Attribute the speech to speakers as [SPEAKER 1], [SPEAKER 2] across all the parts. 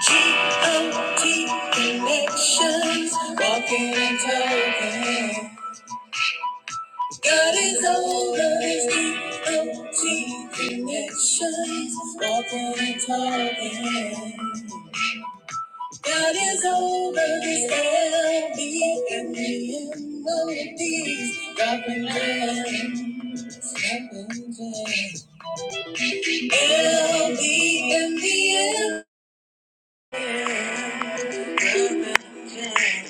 [SPEAKER 1] G-O-T connections, walking and talking. God is over his G-O-T connections, walking and talking. God is over his LB and the melodies, dropping gems, dropping gems. LB and the M, dropping gems.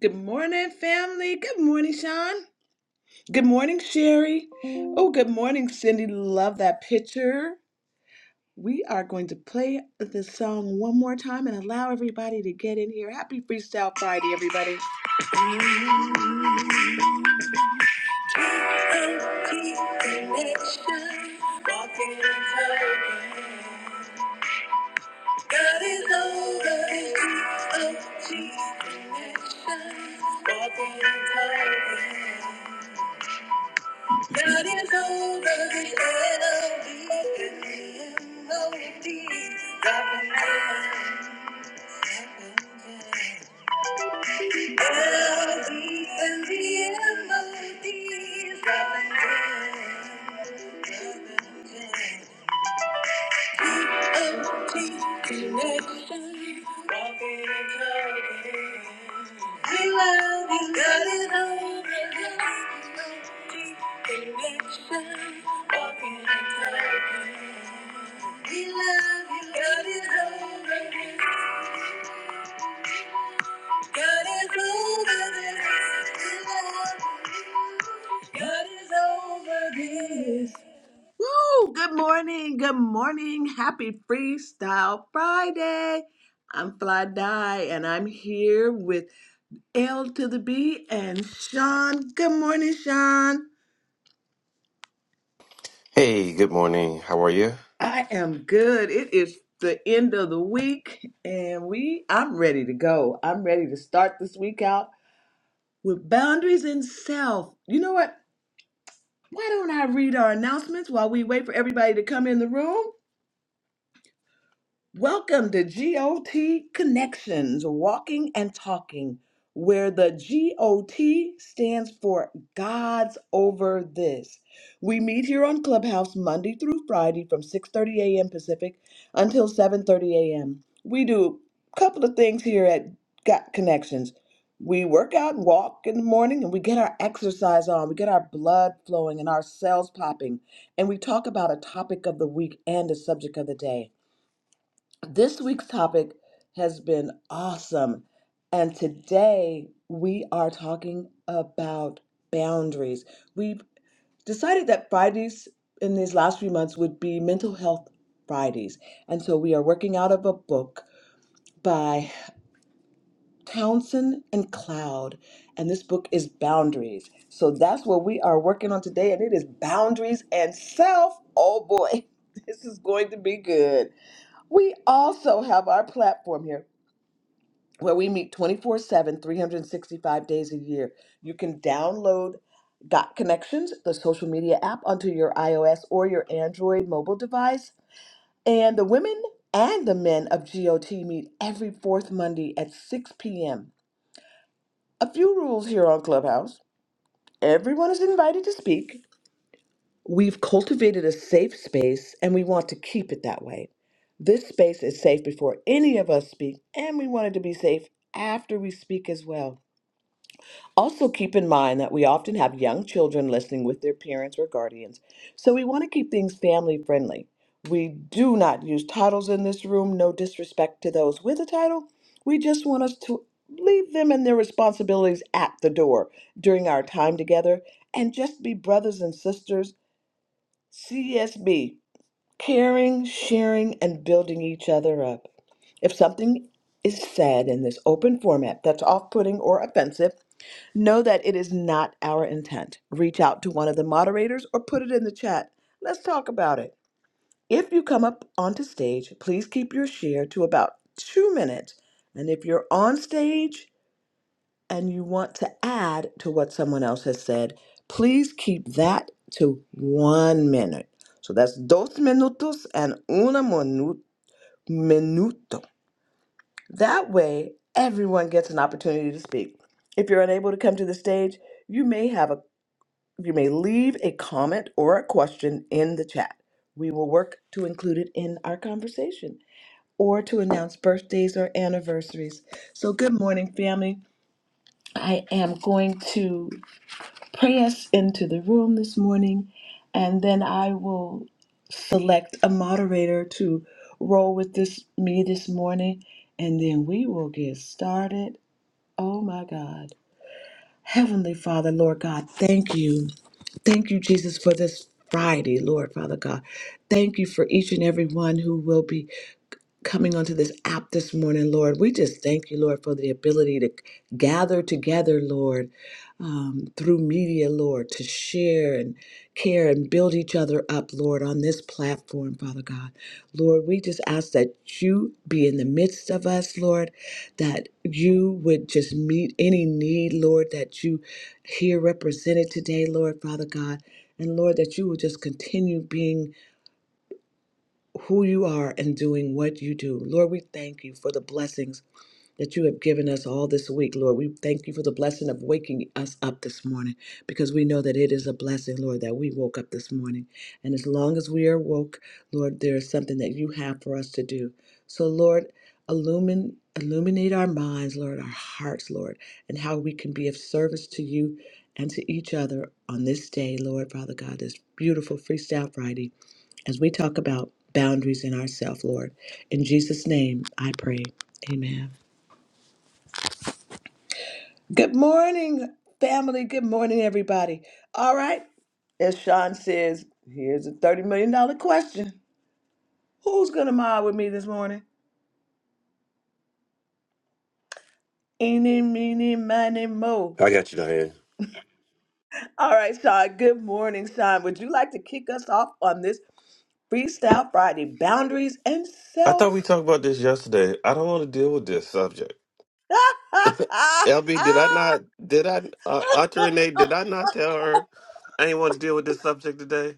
[SPEAKER 1] Good morning, family. Good morning, Sean. Good morning, Sherry. Oh, good morning, Cindy. Love that picture. We are going to play the song one more time and allow everybody to get in here. Happy Freestyle Friday, everybody. Empty connection, walking in time. God is over the empty connection, walking in time. God is over the enemy and no indeed. God will never L D and the MOD. God will never connection. Walking and talking. We love you, God is over We love you, God is over this. God is over this. We love you. God is over this. Woo! Good morning, good morning. Happy Freestyle Friday. I'm Fly Die, and I'm here with L to the B and Sean. Good morning, Sean.
[SPEAKER 2] Hey, good morning. How are you?
[SPEAKER 1] I am good. It is the end of the week, and we I'm ready to go. I'm ready to start this week out with boundaries and self. You know what? Why don't I read our announcements while we wait for everybody to come in the room? Welcome to GOT Connections, Walking and Talking, where the GOT stands for God's Over This. We meet here on Clubhouse Monday through Friday from 6:30 a.m. Pacific until 7:30 a.m. We do a couple of things here at Got Connections. We work out and walk in the morning and we get our exercise on. We get our blood flowing and our cells popping. And we talk about a topic of the week and a subject of the day. This week's topic has been awesome. And today we are talking about boundaries. We've decided that Fridays in these last few months would be mental health Fridays. And so we are working out of a book by Townsend and Cloud. And this book is Boundaries. So that's what we are working on today. And it is Boundaries and Self. Oh boy, this is going to be good. We also have our platform here where we meet 24 7, 365 days a year. You can download Got Connections, the social media app, onto your iOS or your Android mobile device. And the women and the men of GOT meet every fourth Monday at 6 p.m. A few rules here on Clubhouse everyone is invited to speak. We've cultivated a safe space and we want to keep it that way. This space is safe before any of us speak, and we want it to be safe after we speak as well. Also, keep in mind that we often have young children listening with their parents or guardians, so we want to keep things family friendly. We do not use titles in this room, no disrespect to those with a title. We just want us to leave them and their responsibilities at the door during our time together and just be brothers and sisters, CSB, caring, sharing, and building each other up. If something is said in this open format that's off putting or offensive, Know that it is not our intent. Reach out to one of the moderators or put it in the chat. Let's talk about it. If you come up onto stage, please keep your share to about two minutes. And if you're on stage and you want to add to what someone else has said, please keep that to one minute. So that's dos minutos and una minu- minuto. That way, everyone gets an opportunity to speak. If you're unable to come to the stage, you may have a You may leave a comment or a question in the chat. We will work to include it in our conversation or to announce birthdays or anniversaries. So, good morning, family. I am going to pray us into the room this morning, and then I will select a moderator to roll with this me this morning, and then we will get started. Oh my God. Heavenly Father, Lord God, thank you. Thank you, Jesus, for this Friday, Lord Father God. Thank you for each and every one who will be coming onto this app this morning, Lord. We just thank you, Lord, for the ability to gather together, Lord, um, through media, Lord, to share and care and build each other up, Lord, on this platform, Father God. Lord, we just ask that you be in the midst of us, Lord, that you would just meet any need, Lord, that you hear represented today, Lord, Father God. And Lord, that you will just continue being who you are and doing what you do. Lord, we thank you for the blessings that you have given us all this week, Lord. We thank you for the blessing of waking us up this morning because we know that it is a blessing, Lord, that we woke up this morning. And as long as we are woke, Lord, there is something that you have for us to do. So, Lord, illumine, illuminate our minds, Lord, our hearts, Lord, and how we can be of service to you and to each other on this day, Lord, Father God, this beautiful Freestyle Friday as we talk about boundaries in ourselves, Lord. In Jesus' name, I pray. Amen. Good morning, family. Good morning, everybody. All right. As Sean says, here's a $30 million dollar question Who's going to mob with me this morning? Eeny, meeny, miny, mo.
[SPEAKER 2] I got you, Diane.
[SPEAKER 1] All right, Sean. Good morning, Sean. Would you like to kick us off on this Freestyle Friday boundaries and
[SPEAKER 2] I thought we
[SPEAKER 1] self?
[SPEAKER 2] talked about this yesterday. I don't want to deal with this subject. LB, did I
[SPEAKER 1] Ah,
[SPEAKER 2] not? Did I? Uh, Auntie Renee, did I not tell her I ain't want to deal with this subject today?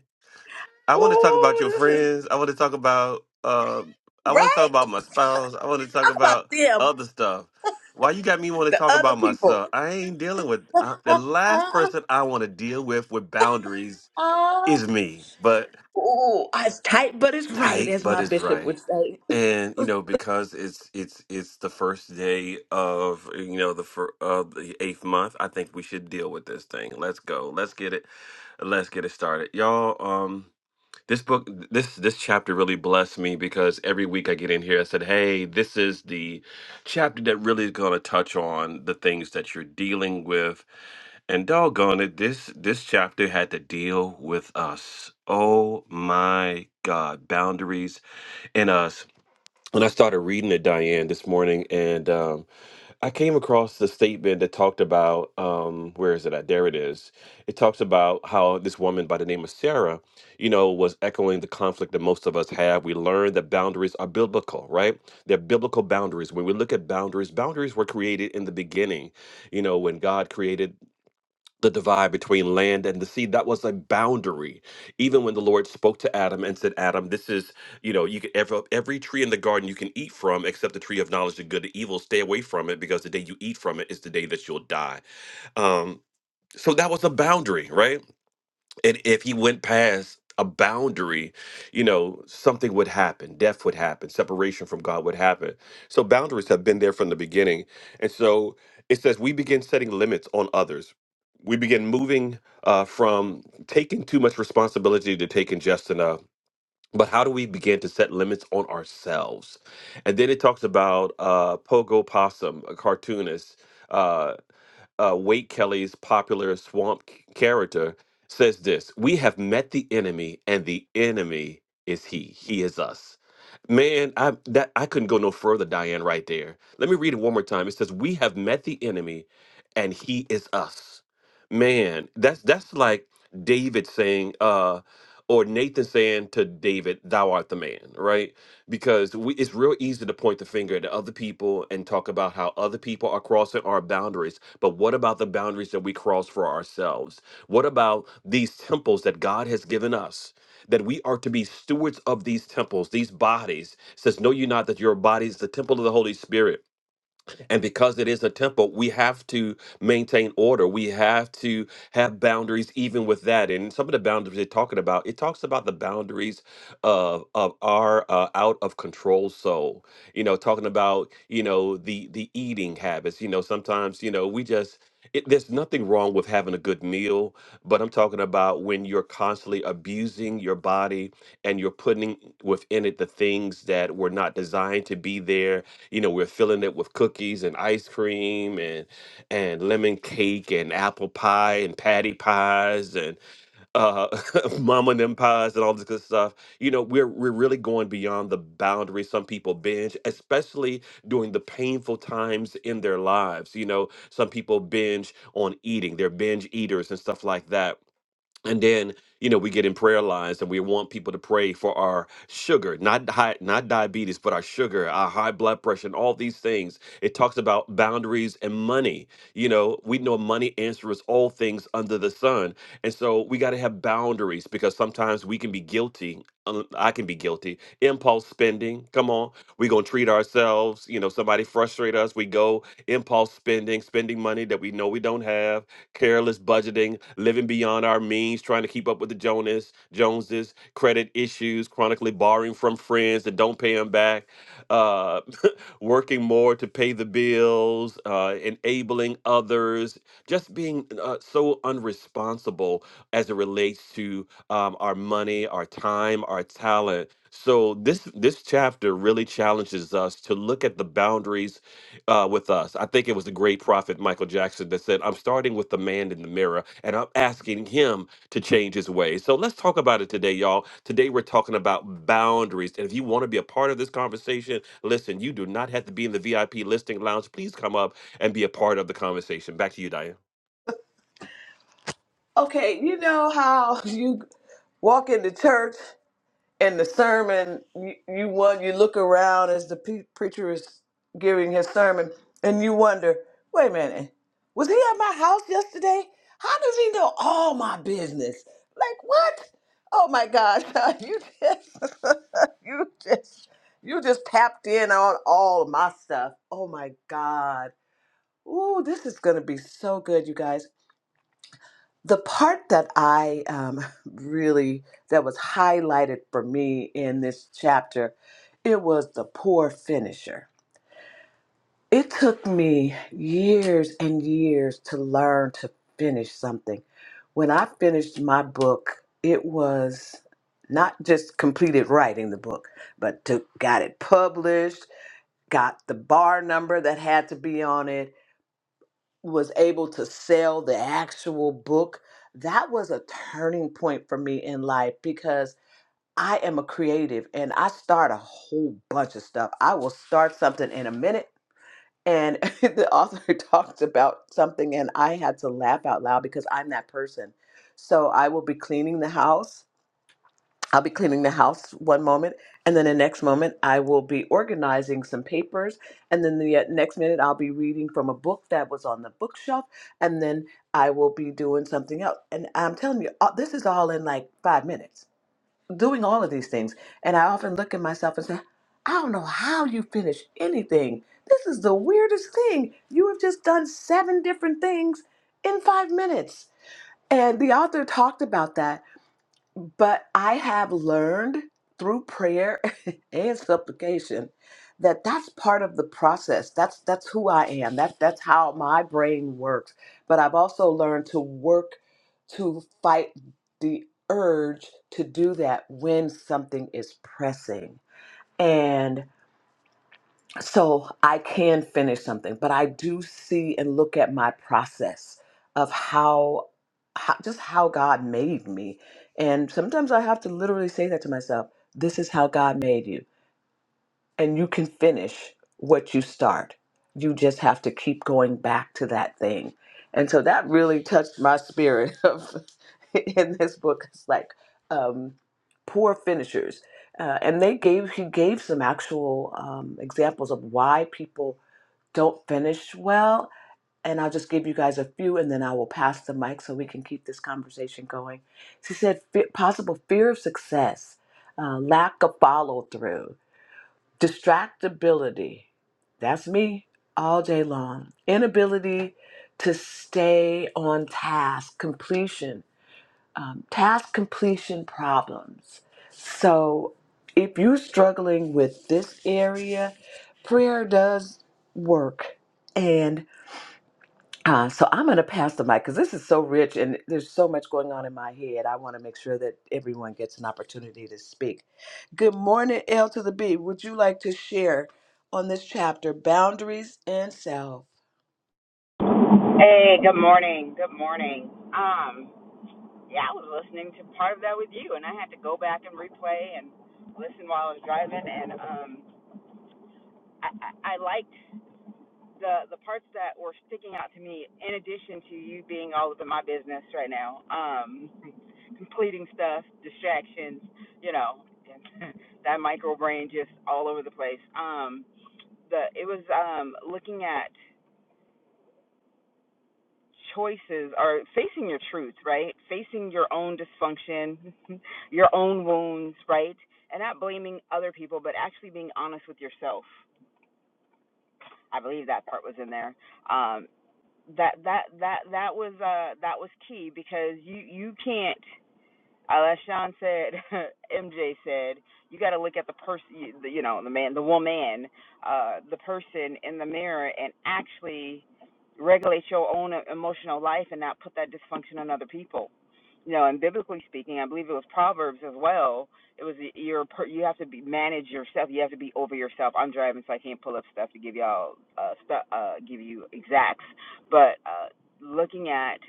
[SPEAKER 2] I want to talk about
[SPEAKER 1] oh,
[SPEAKER 2] your
[SPEAKER 1] this is
[SPEAKER 2] friends. I want to talk about. Uh, I want to talk
[SPEAKER 1] right.
[SPEAKER 2] about my spouse. I want to talk
[SPEAKER 1] Talk about
[SPEAKER 2] about
[SPEAKER 1] them.
[SPEAKER 2] other stuff. Why you got me want to
[SPEAKER 1] The
[SPEAKER 2] talk
[SPEAKER 1] other
[SPEAKER 2] about
[SPEAKER 1] people.
[SPEAKER 2] myself? I ain't dealing with I, the last
[SPEAKER 1] Uh-uh.
[SPEAKER 2] person I want to deal with with boundaries
[SPEAKER 1] Oh,
[SPEAKER 2] is me. But
[SPEAKER 1] it's tight, but it's right,
[SPEAKER 2] tight,
[SPEAKER 1] as my
[SPEAKER 2] but it's
[SPEAKER 1] bishop would
[SPEAKER 2] right.
[SPEAKER 1] say.
[SPEAKER 2] And you know, because it's it's it's the first day of uh, you know the fir- of the eighth month, I think we should deal with this thing. Let's go. Let's get it. Let's get it started, y'all. Um, this book, this this chapter really blessed me because every week I get in here, I said, "Hey, this is the chapter that really is going to touch on the things that you're dealing with." And doggone it, this this chapter had to deal with us. Oh my God, boundaries in us. When I started reading it, Diane, this morning, and um, I came across the statement that talked about um, where is it at? There it is. It talks about how this woman by the name of Sarah, you know, was echoing the conflict that most of us have. We learned that boundaries are biblical, right? They're biblical boundaries. When we look at boundaries, boundaries were created in the beginning. You know, when God created the divide between land and the sea that was a boundary even when the lord spoke to adam and said adam this is you know you can every, every tree in the garden you can eat from except the tree of knowledge of good and evil stay away from it because the day you eat from it is the day that you'll die um so that was a boundary right and if he went past a boundary, you know, something would happen. Death would happen. Separation from God would happen. So boundaries have been there from the beginning. And so it says we begin setting limits on others. We begin moving uh, from taking too much responsibility to taking just enough. But how do we begin to set limits on ourselves? And then it talks about uh, Pogo Possum, a cartoonist. uh, uh, Wade Kelly's popular swamp c- character, says this We have met the enemy, and the enemy is he. He is us. Man, I that I couldn't go no further, Diane, right there. Let me read it one more time. It says, We have met the enemy, and he is us. Man, that's that's like David saying, uh, or Nathan saying to David, Thou art the man, right? because we, it's real easy to point the finger at other people and talk about how other people are crossing our boundaries but what about the boundaries that we cross for ourselves? What about these temples that God has given us? That we are to be stewards of these temples, these bodies. It says, Know you not that your body is the temple of the Holy Spirit and because it is a temple, we have to maintain order. We have to have boundaries even with that. And some of the boundaries they're talking about, it talks about the boundaries of, of our uh, out of control soul. You know, talking about, you know, the the eating habits. You know, sometimes, you know, we just it, there's nothing wrong with having a good meal, but I'm talking about when you're constantly abusing your body and you're putting within it the things that were not designed to be there you know we're filling it with cookies and ice cream and and lemon cake and apple pie and patty pies and uh mama and them pies and all this good stuff you know we're we're really going beyond the boundary some people binge especially during the painful times in their lives you know some people binge on eating they're binge eaters and stuff like that and then you know we get in prayer lines and we want people to pray for our sugar not high, not diabetes but our sugar our high blood pressure and all these things it talks about boundaries and money you know we know money answers all things under the sun and so we got to have boundaries because sometimes we can be guilty um, i can be guilty impulse spending come on we gonna treat ourselves you know somebody frustrate us we go impulse spending spending money that we know we don't have careless budgeting, living beyond our means, trying to keep up with the Jonas, Joneses, credit issues, chronically borrowing from friends that don't pay them back, uh, working more to pay the bills, uh, enabling others, just being uh, so unresponsible as it relates to um, our money, our time, our talent. So this this chapter really challenges us to look at the boundaries uh, with us. I think it was the great prophet Michael Jackson that said, I'm starting with the man in the mirror and I'm asking him to change his ways. So let's talk about it today, y'all. Today we're talking about boundaries. And if you want to be a part of this conversation, listen, you do not have to be in the VIP listing lounge. Please come up and be a part of the conversation. Back to you, Diane.
[SPEAKER 1] Okay, you know how you walk into church in the sermon, you, you want you look around as the pe- preacher is giving his sermon, and you wonder, wait a minute, was he at my house yesterday? How does he know all my business? Like what? Oh my gosh, you just you just you just tapped in on all of my stuff. Oh my God. Ooh, this is gonna be so good, you guys the part that I um, really that was highlighted for me in this chapter, it was the poor finisher. It took me years and years to learn to finish something. When I finished my book, it was not just completed writing the book, but to got it published, got the bar number that had to be on it, was able to sell the actual book, that was a turning point for me in life because I am a creative and I start a whole bunch of stuff. I will start something in a minute. And the author talked about something, and I had to laugh out loud because I'm that person. So I will be cleaning the house I'll be cleaning the house one moment, and then the next moment I will be organizing some papers, and then the uh, next minute I'll be reading from a book that was on the bookshelf, and then I will be doing something else. And I'm telling you, uh, this is all in like five minutes, doing all of these things. And I often look at myself and say, I don't know how you finish anything. This is the weirdest thing. You have just done seven different things in five minutes. And the author talked about that but I have learned through prayer and supplication that that's part of the process. That's that's who I am. That that's how my brain works. But I've also learned to work to fight the urge to do that when something is pressing. and so I can finish something, but I do see and look at my process of how, how just how God made me. And sometimes I have to literally say that to myself, this is how God made you and you can finish what you start. You just have to keep going back to that thing. And so that really touched my spirit of in this book. It's like um, poor finishers. Uh, and they gave he gave some actual um, examples of why people don't finish well. And I'll just give you guys a few, and then I will pass the mic so we can keep this conversation going. She said, "Fe- possible fear of success, uh, lack of follow through, Distractibility, that's me all day long. Inability to stay on task, completion, um, task completion problems. So if you're struggling with this area, prayer does work. and. Uh, so I'm going to pass the mic because this is so rich and there's so much going on in my head. I want to make sure that everyone gets an opportunity to speak. Good morning, L to the B. Would you like to share on this chapter, Boundaries and Self?
[SPEAKER 3] Hey, good morning. Good morning. Um, yeah, I was listening to part of that with you, and I had to go back and replay and listen while I was driving. And um, I, I, I liked the the parts that were sticking out to me. In addition to you being all up in my business right now, um, completing stuff, distractions, you know, that micro brain just all over the place. Um, the it was um looking at choices are facing your truth, right? Facing your own dysfunction, your own wounds, right? And not blaming other people, but actually being honest with yourself. I believe that part was in there. Um, that that that that was uh, that was key because you you can't uh, as Sean said, MJ said, you got to look at the person, you know, the man, the woman, uh, the person in the mirror, and actually regulate your own emotional life and not put that dysfunction on other people. You know, and biblically speaking, I believe it was Proverbs as well. It was your you have to be manage yourself. You have to be over yourself. I'm driving, so I can't pull up stuff to give y'all uh, stu uh, give you exacts. But uh, looking at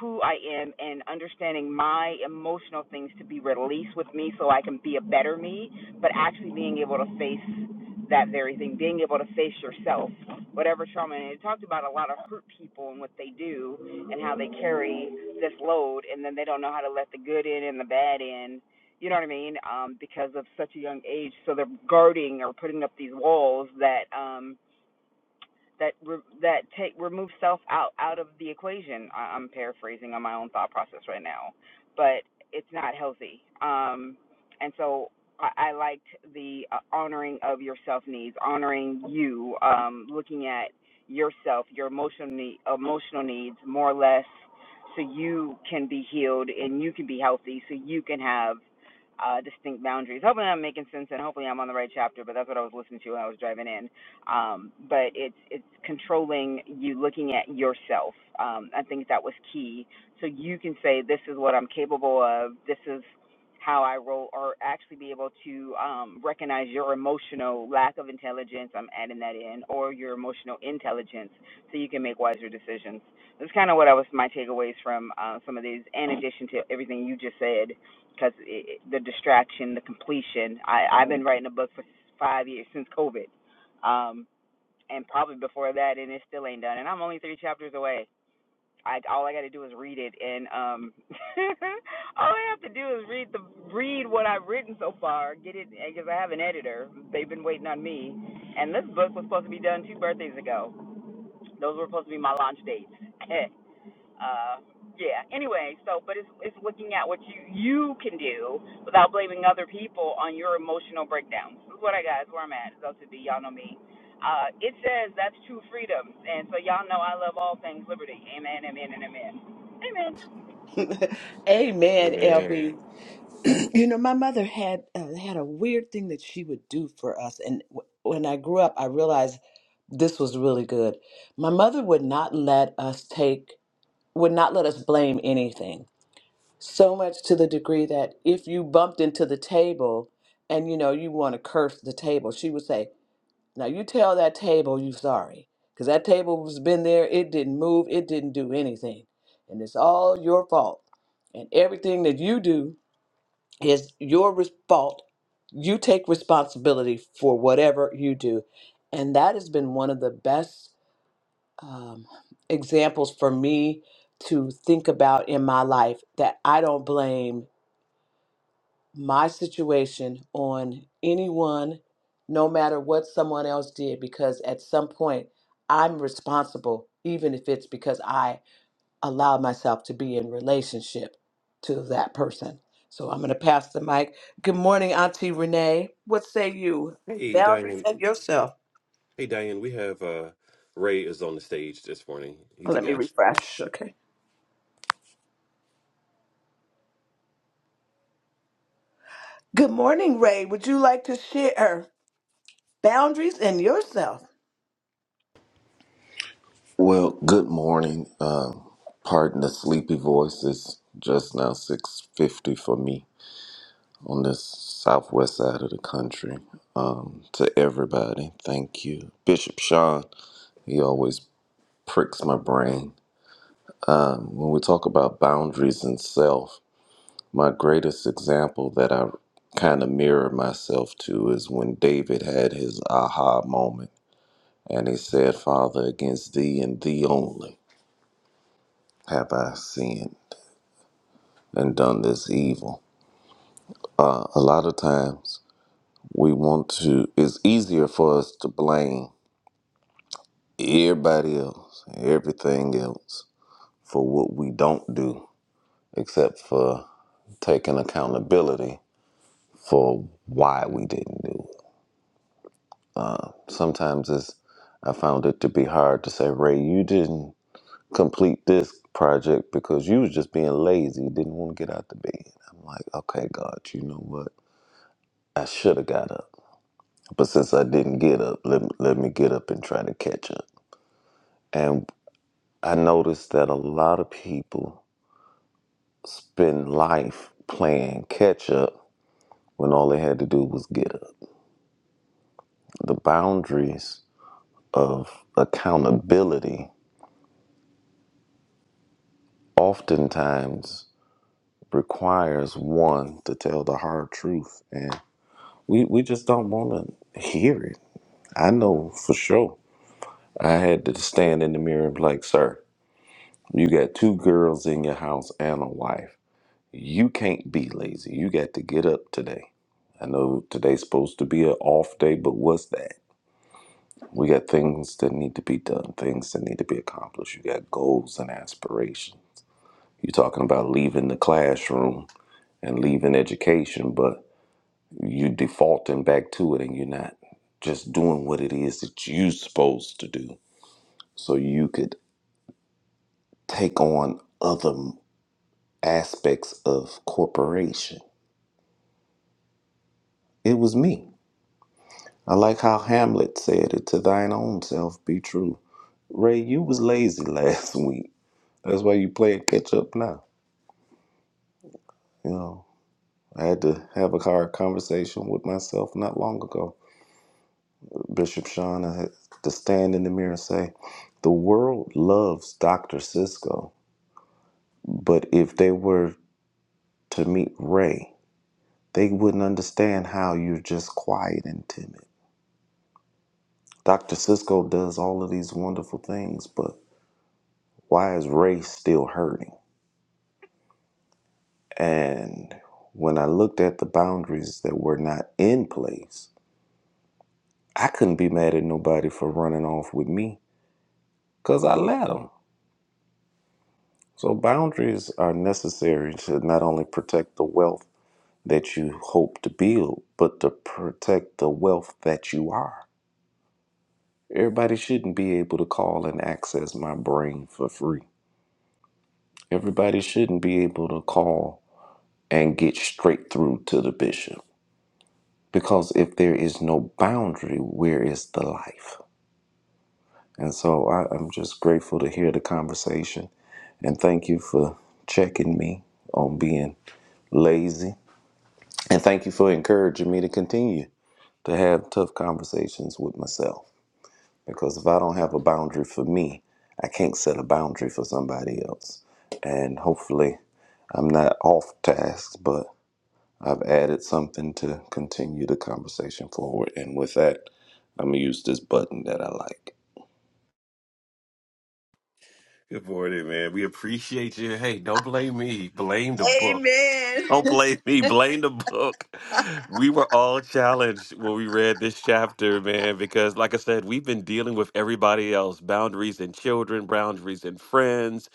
[SPEAKER 3] who I am and understanding my emotional things to be released with me so I can be a better me, but actually being able to face that very thing, being able to face yourself, whatever trauma. And it talked about a lot of hurt people and what they do and how they carry this load and then they don't know how to let the good in and the bad in. You know what I mean? Um, because of such a young age, so they're guarding or putting up these walls that um that re- that take remove self out out of the equation. I- I'm paraphrasing on my own thought process right now, but it's not healthy. Um, and so I, I liked the uh, honoring of your self needs, honoring you, um, looking at yourself, your emotional need, emotional needs more or less, so you can be healed and you can be healthy, so you can have. Uh, distinct boundaries. Hopefully, I'm making sense, and hopefully, I'm on the right chapter. But that's what I was listening to when I was driving in um, but it's it's controlling you looking at yourself. Um, I think that was key. So you can say, "This is what I'm capable of. This is how I roll," or actually be able to um, recognize your emotional lack of intelligence. I'm adding that in, or your emotional intelligence, so you can make wiser decisions. That's kind of what I was my takeaways from uh, some of these, in addition to everything you just said, because the distraction, the completion. I, I've been writing a book for five years since COVID. Um, and probably before that, and it still ain't done. And I'm only three chapters away. I all I got to do is read it, and um, all I have to do is read the read what I've written so far. Get it because I have an editor. They've been waiting on me, and this book was supposed to be done two birthdays ago. Those were supposed to be my launch dates. uh, yeah. Anyway, so but it's it's looking at what you you can do without blaming other people on your emotional breakdowns. This is what I got. It's where I'm at. It's LTB. Y'all know me. Uh, it says that's true freedom, and so y'all know I love all things liberty. Amen. Amen. And amen. Amen.
[SPEAKER 2] Hey
[SPEAKER 1] Amen,
[SPEAKER 2] man.
[SPEAKER 1] LB. You know, my mother had uh, had a weird thing that she would do for us, and w- when I grew up, I realized this was really good. My mother would not let us take, would not let us blame anything so much to the degree that if you bumped into the table and you know you want to curse the table she would say now you tell that table you sorry because that table has been there it didn't move it didn't do anything and it's all your fault and everything that you do is your res- fault you take responsibility for whatever you do and that has been one of the best um, examples for me to think about in my life that i don't blame my situation on anyone, no matter what someone else did, because at some point I'm responsible, even if it's because I allowed myself to be in relationship to that person. So I'm going to pass the mic. Good morning, Auntie Renee. What say you?
[SPEAKER 2] Hey
[SPEAKER 1] Boundaries
[SPEAKER 2] Diane.
[SPEAKER 1] and yourself.
[SPEAKER 2] Hey Diane, we have uh Ray is on the stage this morning. He's a
[SPEAKER 1] Let me
[SPEAKER 2] guest.
[SPEAKER 1] refresh. Okay. Good morning, Ray. Would you like to share boundaries and yourself?
[SPEAKER 4] Well, good morning. Um, pardon the sleepy voice. It's just now six fifty for me on this southwest side of the country. Um, to everybody, thank you, Bishop Sean. He always pricks my brain when we talk about boundaries and self. My greatest example that I kind of mirror myself to is when David had his aha moment, and he said, "Father, against thee and thee only have I sinned." and done this evil. Uh, a lot of times we want to, it's easier for us to blame everybody else, everything else for what we don't do, except for taking accountability for why we didn't do it. Sometimes it's, I found it to be hard to say, Ray, you didn't complete this project because you was just being lazy, didn't want to get out the bed. I'm like, okay, God, you know what? I should have got up. But since I didn't get up, let me, let me get up and try to catch up. And I noticed that a lot of people spend life playing catch up when all they had to do was get up. The boundaries of accountability oftentimes requires one to tell the hard truth. And we, we just don't want to hear it. I know for sure. I had to stand in the mirror and be like, sir, you got two girls in your house and a wife You can't be lazy. You got to get up today. I know today's supposed to be an off day, but what's that? We got things that need to be done, things that need to be accomplished. You got goals and aspirations. You're talking about leaving the classroom and leaving education, but you defaulting back to it and you're not just doing what it is that you're supposed to do so you could take on other aspects of corporation. It was me. I like how Hamlet said it to thine own self be true. Ray, you was lazy last week. That's why you playing catch up now. You know, I had to have a hard conversation with myself not long ago. Bishop Sean, I had to stand in the mirror and say, the world loves Dr. Cisco, but if they were to meet Ray, they wouldn't understand how you're just quiet and timid. Dr. Cisco does all of these wonderful things, but why is Ray still hurting? And when I looked at the boundaries that were not in place, I couldn't be mad at nobody for running off with me because I let them. So, boundaries are necessary to not only protect the wealth that you hope to build, but to protect the wealth that you are. Everybody shouldn't be able to call and access my brain for free. Everybody shouldn't be able to call and get straight through to the bishop. Because if there is no boundary, where is the life? And so I, I'm just grateful to hear the conversation. And thank you for checking me on being lazy. And thank you for encouraging me to continue to have tough conversations with myself. Because if I don't have a boundary for me, I can't set a boundary for somebody else. And hopefully, I'm not off task, but I've added something to continue the conversation forward. And with that, I'm gonna use this button that I like.
[SPEAKER 2] Good morning, man. We appreciate you. Hey, don't blame me. Blame the book.
[SPEAKER 1] Amen.
[SPEAKER 2] Don't blame me. Blame the book. We were all challenged when we read this chapter, man, because, like I said, we've been dealing with everybody else boundaries and children, boundaries and friends.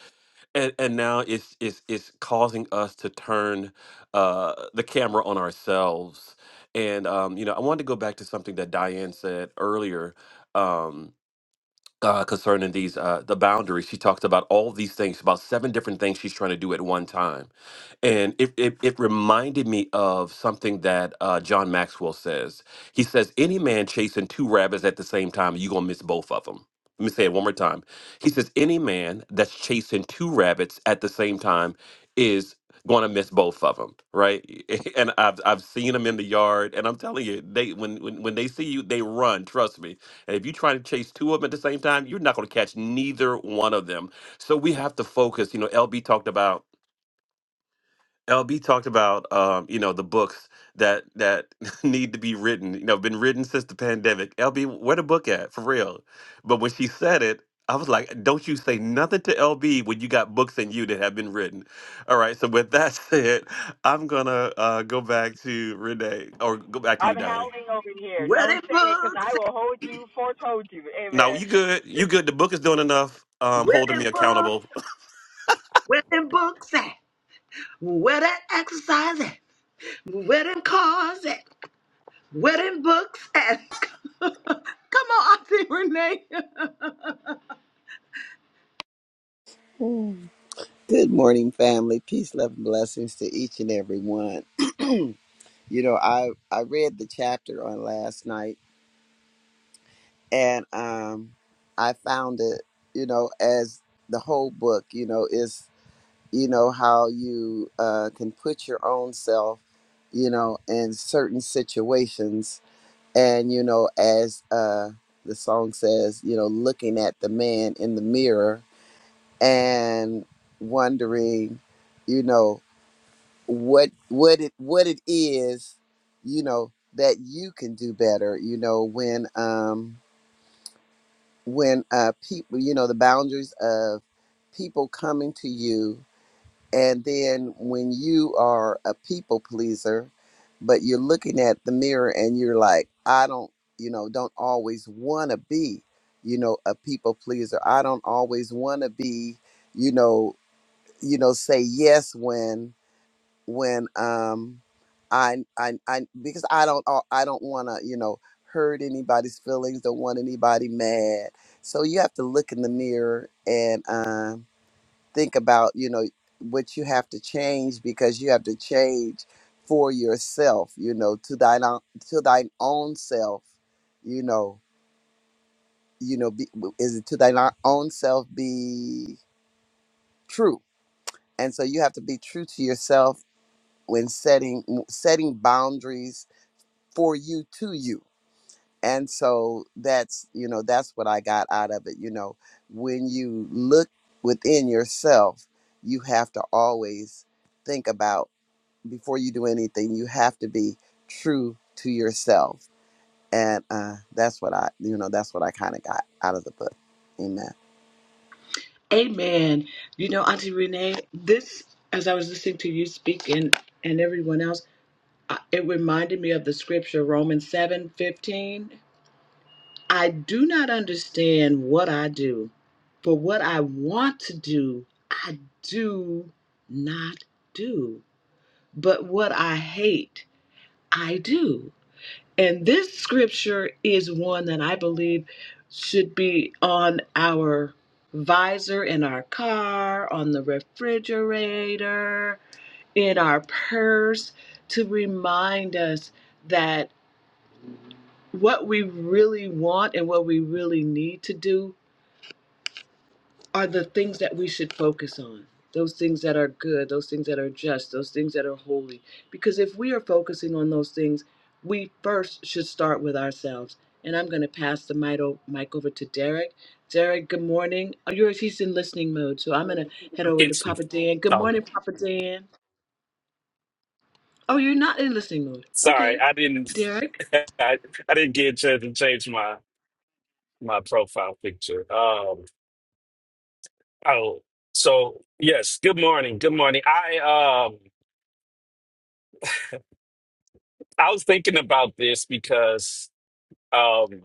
[SPEAKER 2] And, and now it's, it's, it's causing us to turn uh, the camera on ourselves. And, um, you know, I wanted to go back to something that Diane said earlier. Um, uh, concerning these uh, the boundaries, she talked about all these things, about seven different things she's trying to do at one time and it, it, it reminded me of something that uh, John Maxwell says. He says, Any man chasing two rabbits at the same time, you're going to miss both of them. Let me say it one more time. He says, Any man that's chasing two rabbits at the same time is going to miss both of them, right? And I've, I've seen them in the yard, and I'm telling you, they when, when, when they see you, they run, trust me. And if you're trying to chase two of them at the same time, you're not going to catch neither one of them. So we have to focus. You know, LB talked about LB talked about um, you know the books that that need to be written. You know, been written since the pandemic. LB, where the book at for real? But when she said it, I was like, don't you say nothing to LB when you got books in you that have been written. All right. So with that said, I'm gonna uh, go back to Renee or go back to you,
[SPEAKER 3] I'm
[SPEAKER 2] Diane.
[SPEAKER 3] howling over here.
[SPEAKER 1] Wedding
[SPEAKER 3] Don't say it, 'cause I
[SPEAKER 1] books.
[SPEAKER 3] will hold you, foretold you.
[SPEAKER 2] No,
[SPEAKER 3] Amen.
[SPEAKER 2] you good. You good. The book is doing enough. Um, holding me
[SPEAKER 1] Wedding books.
[SPEAKER 2] accountable.
[SPEAKER 1] Where them books at? Where that exercise at? Where them cars at? Where them books at? Come on, Auntie Renee.
[SPEAKER 5] Mm. Good morning, family. Peace, love, and blessings to each and every one. You know, I I read the chapter on last night, and um, I found it. You know, as the whole book, you know, is you know how you uh, can put your own self, you know, in certain situations, and you know, as uh, the song says, you know, looking at the man in the mirror and wondering, you know what what it what it is you know that you can do better you know when um when uh people you know the boundaries of people coming to you and then when you are a people pleaser but you're looking at the mirror and you're like I don't you know don't always want to be you know a people pleaser I don't always want to be you know you know say yes when when um I I I because I don't uh, I don't want to you know hurt anybody's feelings. Don't want anybody mad. So you have to look in the mirror and um, think about you know what you have to change because you have to change for yourself. You know to thine own, to thine own self. You know you know be, is it to thine o- own self be true? And so you have to be true to yourself when setting setting boundaries for you to you and so that's you know that's what i got out of it you know when you look within yourself you have to always think about before you do anything you have to be true to yourself and uh that's what i you know that's what i kind of got out of the book amen
[SPEAKER 1] Amen. You know, Auntie Renee, this, as I was listening to you speak and, and everyone else, I- it reminded me of the scripture, Romans seven fifteen. I do not understand what I do, but what I want to do, I do not do. But what I hate, I do. And this scripture is one that I believe should be on our visor in our car, on the refrigerator, in our purse to remind us that what we really want and what we really need to do are the things that we should focus on those things that are good those things that are just those things that are holy because if we are focusing on those things we first should start with ourselves and i'm going to pass the mic o- mic over to derek derek good morning oh, yours he's in listening mode so i'm going to head
[SPEAKER 6] I
[SPEAKER 1] over
[SPEAKER 6] Can't
[SPEAKER 1] to
[SPEAKER 6] see.
[SPEAKER 1] papa dan good
[SPEAKER 6] Oh,
[SPEAKER 1] morning papa dan oh you're not in listening mode
[SPEAKER 6] sorry,
[SPEAKER 1] okay
[SPEAKER 6] I didn't.
[SPEAKER 1] derek
[SPEAKER 6] I, I didn't get a chance to change my my profile picture. Um. Oh, so yes. Good morning. Good morning. I um. I was thinking about this because um,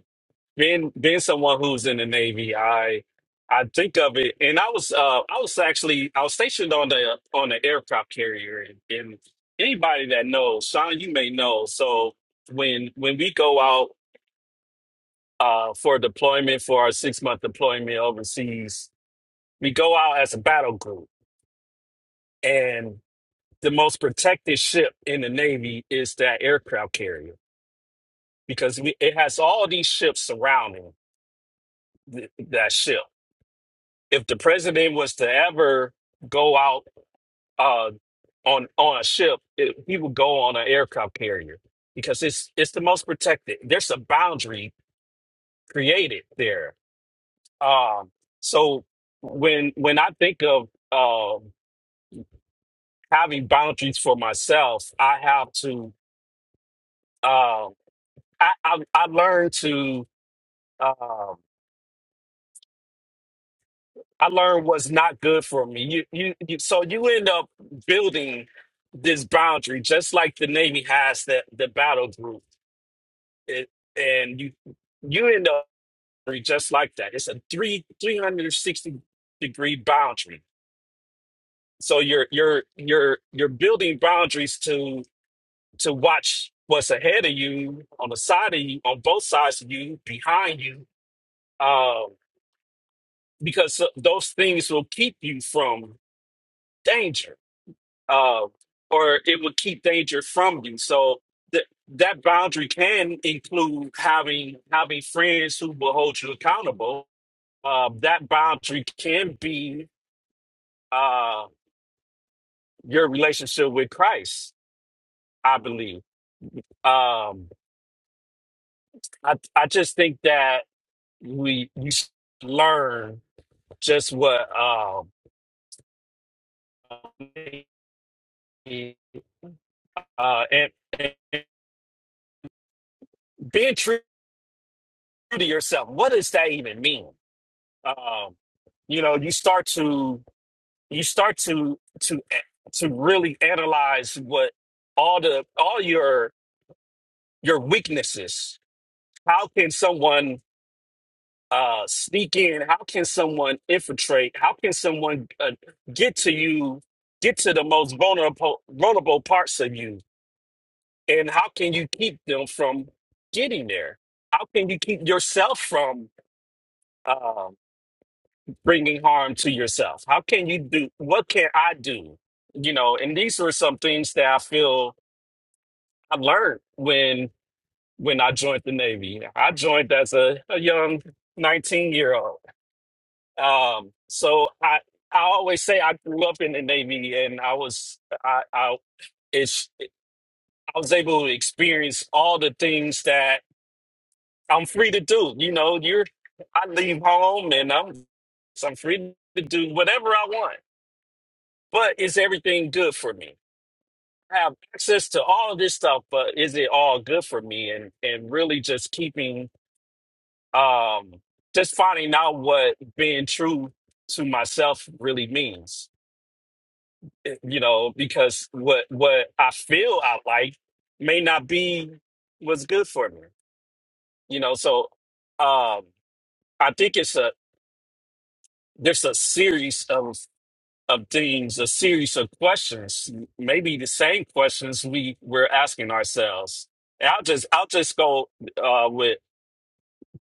[SPEAKER 6] being being someone who's in the Navy, I I think of it, and I was uh I was actually I was stationed on the on the aircraft carrier, and, and anybody that knows, Sean, you may know. So when when we go out. uh, for deployment for our six month deployment overseas. We go out as a battle group, and the most protected ship in the Navy is that aircraft carrier because we, it has all these ships surrounding th- that ship. If the president was to ever go out uh, on on a ship, it, he would go on an aircraft carrier because it's it's the most protected. There's a boundary created there Um, so when when I think of um having boundaries for myself, I have to. Um, I, I I learn to. Um, I learn what's not good for me. You, you you so you end up building this boundary, just like the Navy has the the battle group, it, and you you end up just like that. It's a three three hundred sixty degree boundary. So you're you're you're you're building boundaries to. to watch what's ahead of you, on the side of you, on both sides of you, behind you, um, because so, those things will keep you from danger, uh, or it will keep danger from you. So th- that boundary can include having having friends who will hold you accountable. Um, that boundary can be uh, your relationship with Christ, I believe. Um, I I just think that we we learn just what um uh and, and being true to yourself what does that even mean um you know you start to you start to to eh, to really analyze what all the all your your weaknesses how can someone uh sneak in how can someone infiltrate how can someone uh, get to you get to the most vulnerable vulnerable parts of you And how can you keep them from getting there? How can you keep yourself from um, bringing harm to yourself? How can you do? What can I do? You know, and these were some things that I feel I learned when when I joined the Navy. I joined as a, a young 19 year old. Um, so I I always say I grew up in the Navy, and I was I I it's I was able to experience all the things that I'm free to do. You know, you're I leave home and I'm so I'm free to do whatever I want. But is everything good for me? I have access to all of this stuff, but is it all good for me? And and really just keeping um just finding out what being true to myself really means. Eh, You know, because what what I feel I like may not be what's good for me. You know, so um I think it's a There's a series of of things, a series of questions, maybe the same questions we we're asking ourselves. And I'll just I'll just go uh, with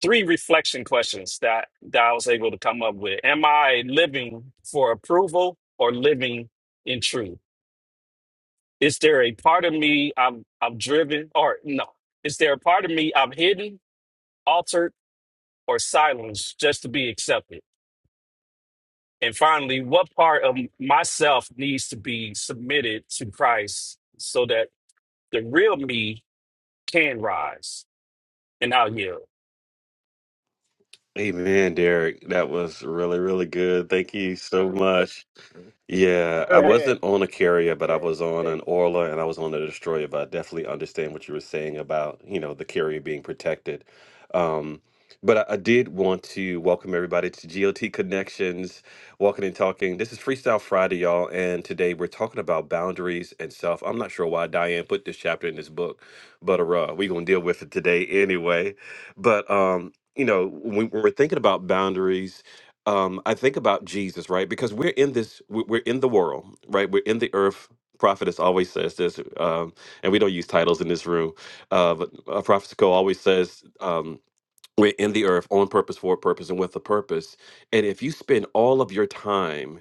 [SPEAKER 6] three reflection questions that that I was able to come up with. Am I living for approval or living in truth? Is there a part of me I'm I'm driven or no? Is there a part of me I'm hidden, altered, or silenced just to be accepted? And finally, what part of myself needs to be submitted to Christ so that the real me can rise? And I'll yield.
[SPEAKER 2] Amen, Derek. That was really, really good. Thank you so much. Yeah, I wasn't on a carrier, but I was on an Orla and I was on a destroyer. But I definitely understand what you were saying about, you know, the carrier being protected. Um, but I, I did want to welcome everybody to GOT Connections, Walking and Talking. This is Freestyle Friday, y'all, and today we're talking about boundaries and self. I'm not sure why Diane put this chapter in this book, but uh, we're gonna deal with it today anyway. But um, you know, when we're thinking about boundaries um, I think about Jesus, right? Because we're in this, we- we're in the world, right? We're in the earth. Prophetess always says this, um, and we don't use titles in this room. Uh, but uh, Prophetess Co always says um, we're in the earth on purpose, for a purpose, and with a purpose. And if you spend all of your time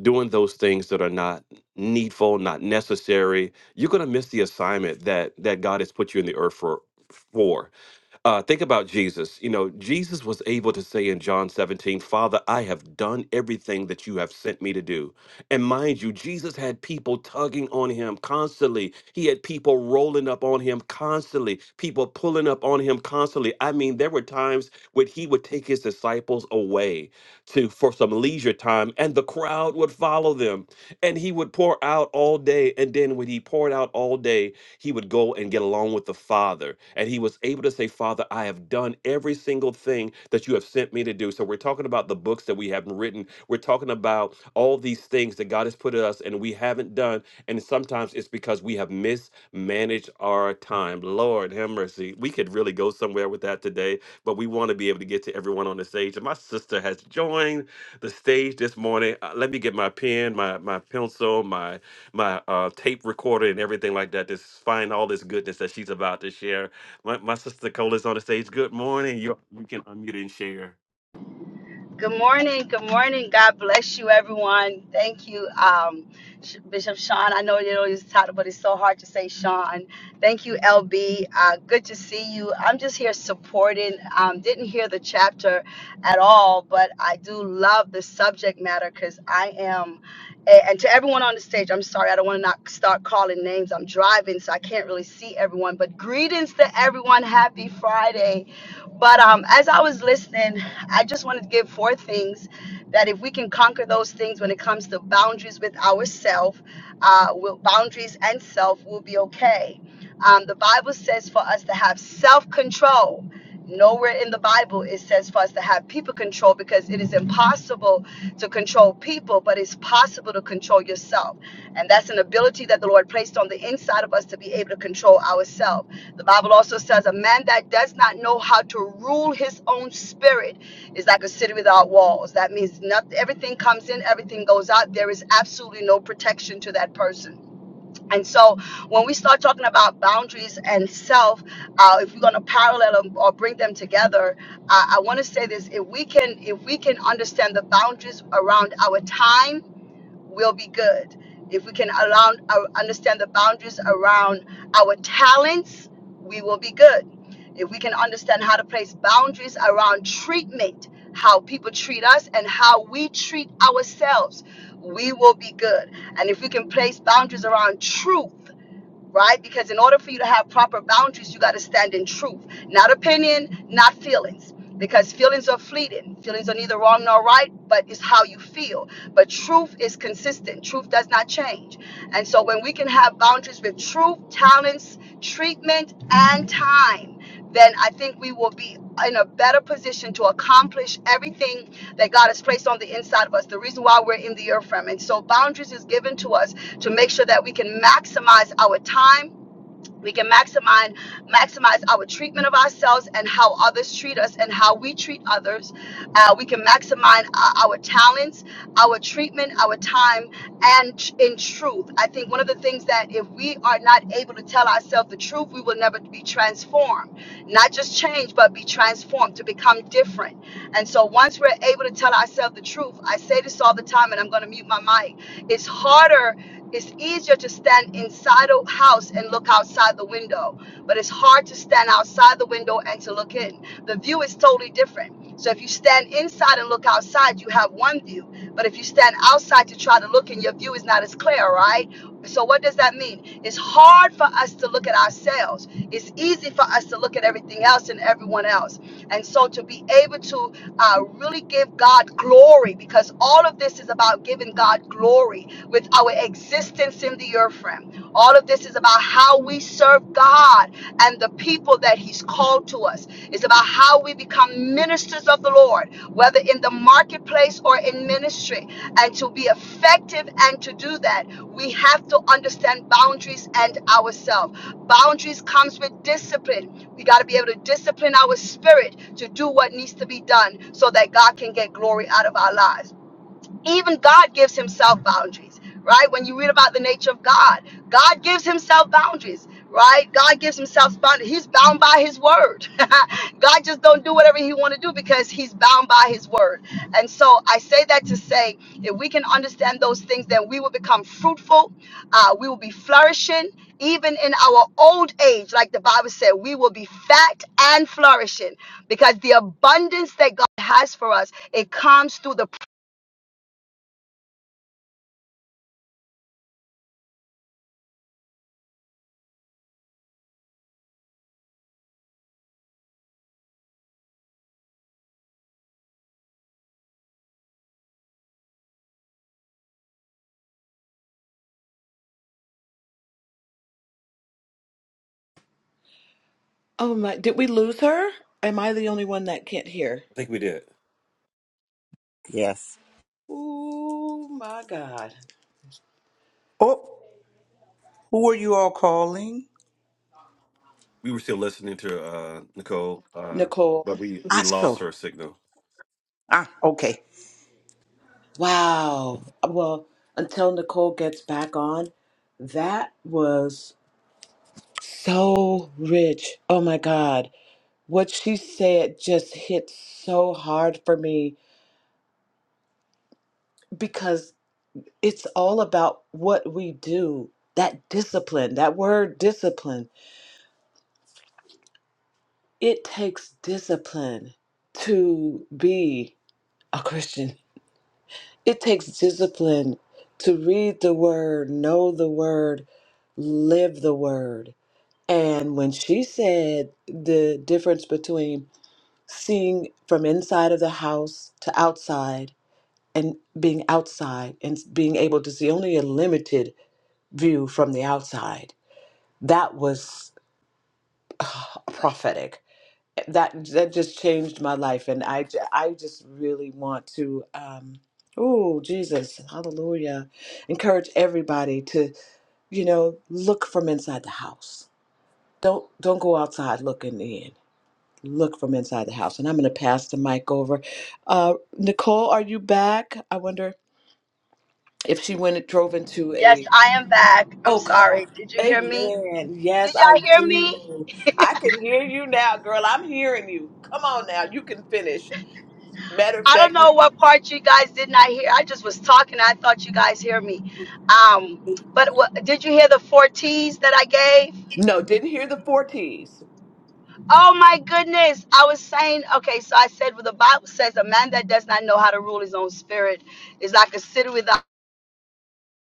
[SPEAKER 2] doing those things that are not needful, not necessary, you're gonna miss the assignment that that God has put you in the earth for. For uh, think about Jesus. You know, Jesus was able to say in John 17, Father, I have done everything that you have sent me to do. And mind you, Jesus had people tugging on him constantly. He had people rolling up on him constantly, people pulling up on him constantly. I mean, there were times when he would take his disciples away to for some leisure time, and the crowd would follow them and he would pour out all day and then when he poured out all day he would go and get along with the father and he was able to say father i have done every single thing that you have sent me to do so we're talking about the books that we haven't written we're talking about all these things that god has put in us and we haven't done and sometimes it's because we have mismanaged our time lord have mercy we could really go somewhere with that today but we want to be able to get to everyone on the stage and my sister has joined the stage this morning. Uh, let me get my pen, my my pencil, my my uh, tape recorder, and everything like that. Just find all this goodness that she's about to share. My, my sister Nicola's on the stage. Good morning. You you can unmute and share.
[SPEAKER 7] Good morning. Good morning. God bless you, everyone. Thank you, um, Sh- Bishop Sean. I know you don't use the title, but it's so hard to say Sean. Thank you, LB. Uh, good to see you. I'm just here supporting. Um, didn't hear the chapter at all, but I do love the subject matter because I am. a- And to everyone on the stage, I'm sorry, I don't want to not start calling names. I'm driving, so I can't really see everyone. But greetings to everyone. Happy Friday. But um, as I was listening, I just wanted to give four things that if we can conquer those things when it comes to boundaries with ourselves, uh, will boundaries and self will be okay. Um, the Bible says for us to have self control. Nowhere in the Bible it says for us to have people control because it is impossible to control people, but it's possible to control yourself. And that's an ability that the Lord placed on the inside of us to be able to control ourselves. The Bible also says a man that does not know how to rule his own spirit it's like a city without walls. That means nothing. Everything comes in, everything goes out. There is absolutely no protection to that person. And so, when we start talking about boundaries and self, uh, if we're going to parallel them or bring them together, uh, I want to say this: if we can, if we can understand the boundaries around our time will be good. If we can allow, uh, understand the boundaries around our talents, we will be good. If we can understand how to place boundaries around treatment, how people treat us, and how we treat ourselves, we will be good. And if we can place boundaries around truth, right? Because in order for you to have proper boundaries, you got to stand in truth, not opinion, not feelings. Because feelings are fleeting. Feelings are neither wrong nor right, but it's how you feel. But truth is consistent. Truth does not change. And so when we can have boundaries with truth, talents, treatment, and time, then I think we will be in a better position to accomplish everything that God has placed on the inside of us. The reason why we're in the earth from. And so boundaries is given to us to make sure that we can maximize our time we can maximize maximize our treatment of ourselves and how others treat us and how we treat others Uh, we can maximize our, our talents our treatment our time and tr- in truth i think one of the things that if we are not able to tell ourselves the truth we will never be transformed not just change but be transformed to become different and so once we're able to tell ourselves the truth i say this all the time and i'm going to mute my mic it's harder it's easier to stand inside a house and look outside the window, but it's hard to stand outside the window and to look in. The view is totally different. So if you stand inside and look outside, you have one view. But if you stand outside to try to look in, your view is not as clear, right? So what does that mean? It's hard for us to look at ourselves. It's easy for us to look at everything else and everyone else. And so to be able to uh, really give God glory because all of this is about giving God glory with our existence in the earth realm. All of this is about how we serve God and the people that He's called to us. It's about how we become ministers of the Lord, whether in the marketplace or in ministry. And to be effective and to do that, we have to understand boundaries and ourselves. Boundaries comes with discipline we got to be able to discipline our spirit to do what needs to be done so that God can get glory out of our lives even God gives himself boundaries, right? When you read about the nature of God, God gives himself boundaries, right? God gives himself boundaries. He's bound by his word. God just don't do whatever he want to do because he's bound by his word. And so I say that to say, if we can understand those things, then we will become fruitful. Uh, we will be flourishing. Even in our old age, like the Bible said, we will be fat and flourishing because the abundance that God has for us, it comes through the
[SPEAKER 1] oh my did we lose her am i the only one that can't hear
[SPEAKER 2] I think we did.
[SPEAKER 5] Yes.
[SPEAKER 1] oh my god
[SPEAKER 8] Oh, who are you all calling?
[SPEAKER 2] We were still listening to uh, Nicole, uh,
[SPEAKER 1] nicole
[SPEAKER 2] but we we
[SPEAKER 8] I
[SPEAKER 2] lost
[SPEAKER 8] so.
[SPEAKER 2] her signal.
[SPEAKER 8] Ah, okay.
[SPEAKER 1] Wow. Well, until Nicole gets back on, that was so rich. Oh my God. What she said just hit so hard for me because it's all about what we do. That discipline, that word discipline, it takes discipline to be a Christian. It takes discipline to read the word, know the word, live the word And when she said the difference between seeing from inside of the house to outside and being outside and being able to see only a limited view from the outside, that was ah, prophetic. That that just changed my life, and I j- I just really want to. Um, Oh, Jesus, hallelujah. Encourage everybody to, you know, look from inside the house. Don't don't go outside looking in look from inside the house. And I'm going to pass the mic over. Uh, Nicole, are you back? I wonder if she went and drove into
[SPEAKER 7] Yes,
[SPEAKER 1] a.
[SPEAKER 7] I am back. I'm
[SPEAKER 1] Oh, come on.
[SPEAKER 7] sorry. Did you hear me?
[SPEAKER 1] Amen. Yes,
[SPEAKER 7] Did
[SPEAKER 1] I
[SPEAKER 7] y'all hear me?
[SPEAKER 1] do. I can hear you now, girl. I'm hearing you. Come on now. You can finish. Matter of
[SPEAKER 7] I don't
[SPEAKER 1] fact,
[SPEAKER 7] know what part you guys did not hear. I just was talking. I thought you guys hear me. Um, but what, did you hear the four T's that I gave?
[SPEAKER 1] no, didn't hear the four T's.
[SPEAKER 7] Oh my goodness. I was saying, okay, so I said, well, the Bible says a man that does not know how to rule his own spirit is like a city without.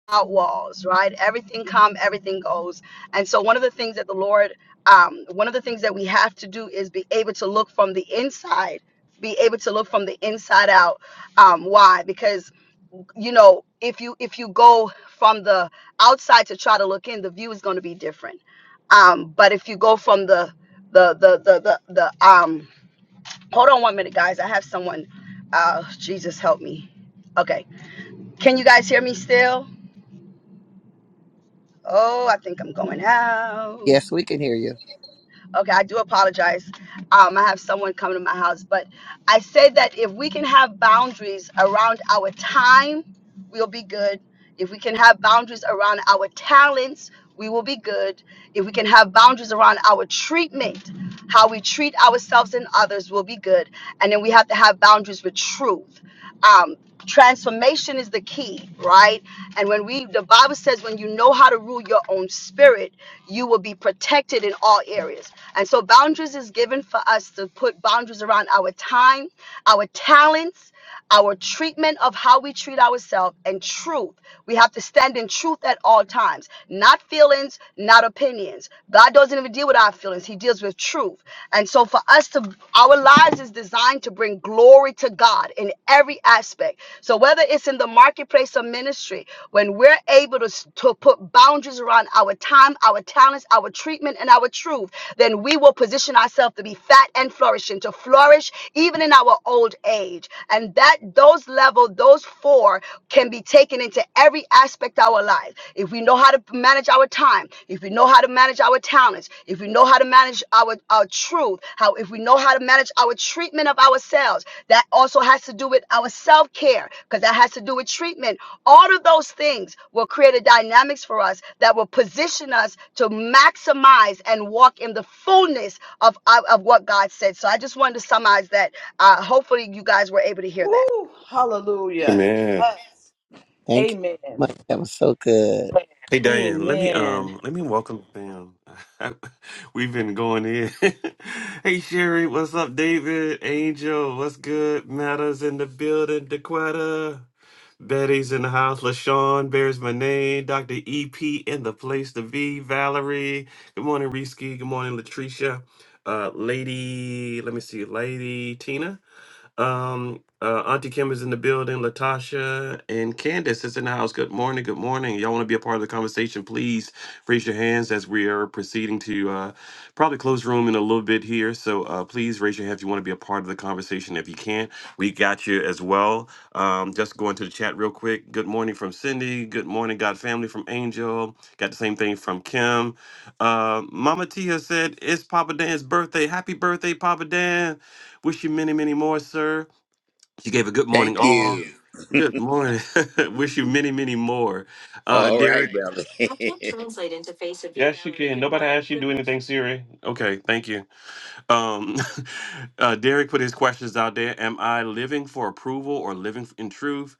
[SPEAKER 7] out walls, right? Everything come, everything goes. And so one of the things that the Lord, um, one of the things that we have to do is be able to look from the inside, be able to look from the inside out. Um, why? Because you know, if you if you go from the outside to try to look in, the view is going to be different. Um, but if you go from the the the the the, the um, hold on one minute, guys. I have someone. Uh, Jesus help me. Okay, can you guys hear me still? Oh, I think I'm going out.
[SPEAKER 5] Yes, we can hear you.
[SPEAKER 7] Okay, I do apologize. Um, I have someone coming to my house, but I say that if we can have boundaries around our time, we'll be good. If we can have boundaries around our talents, we will be good. If we can have boundaries around our treatment, how we treat ourselves and others will be good. And then we have to have boundaries with truth. Um, transformation is the key, right? And when we, the Bible says, when you know how to rule your own spirit, you will be protected in all areas. And so, boundaries is given for us to put boundaries around our time, our talents, our treatment of how we treat ourselves and truth. We have to stand in truth at all times, not feelings, not opinions. God doesn't even deal with our feelings, He deals with truth. And so, for us to, our lives is designed to bring glory to God in every aspect. So, whether it's in the marketplace or ministry, when we're able to, to put boundaries around our time, our talents, our treatment, and our truth, then we will position ourselves to be fat and flourishing, to flourish even in our old age age. And that those level, those four can be taken into every aspect of our life. If we know how to manage our time, if we know how to manage our talents, if we know how to manage our, our truth, how if we know how to manage our treatment of ourselves, that also has to do with our self-care, because that has to do with treatment. All of those things will create a dynamics for us that will position us to maximize and walk in the fullness of, of, of what God said. So I just wanted to summarize that uh, hopefully, you guys were able to hear that.
[SPEAKER 1] Woo! Hallelujah.
[SPEAKER 2] Man.
[SPEAKER 1] Yes.
[SPEAKER 5] Thank you so
[SPEAKER 1] Amen.
[SPEAKER 5] much. That was so good.
[SPEAKER 2] Hey Diane, let me
[SPEAKER 1] Amen.
[SPEAKER 2] um let me welcome them. We've been going in. hey Sherry, what's up, David? Angel, what's good? Matters in the building, Dequetta. Betty's in the house. LaShawn bears my name. Dr. EP in the place to be. Valerie. Good morning, Risky. Good morning, Latricia. Uh lady, let me see, Lady Tina. Um, uh, Auntie Kim is in the building. Latasha and Candace is in the house. Good morning. Good morning. Y'all want to be a part of the conversation? Please raise your hands as we are proceeding to uh, probably close room in a little bit here. So uh, please raise your hand if you want to be a part of the conversation. If you can't, we got you as well. Um, just going to the chat real quick. Good morning from Cindy. Good morning, God family from Angel. Got the same thing from Kim. Uh, Mama Tia said it's Papa Dan's birthday. Happy birthday, Papa Dan. Wish you many, many more, sir. She gave a good morning.
[SPEAKER 9] Thank
[SPEAKER 2] Oh,
[SPEAKER 9] you.
[SPEAKER 2] good morning. Wish you many, many more. Uh,
[SPEAKER 9] All right,
[SPEAKER 2] Derek.
[SPEAKER 9] brother.
[SPEAKER 2] Yes, you can. Nobody asked you to do anything, Siri. Okay, thank you. Um, uh, Derek put his questions out there. Am I living for approval or living in truth?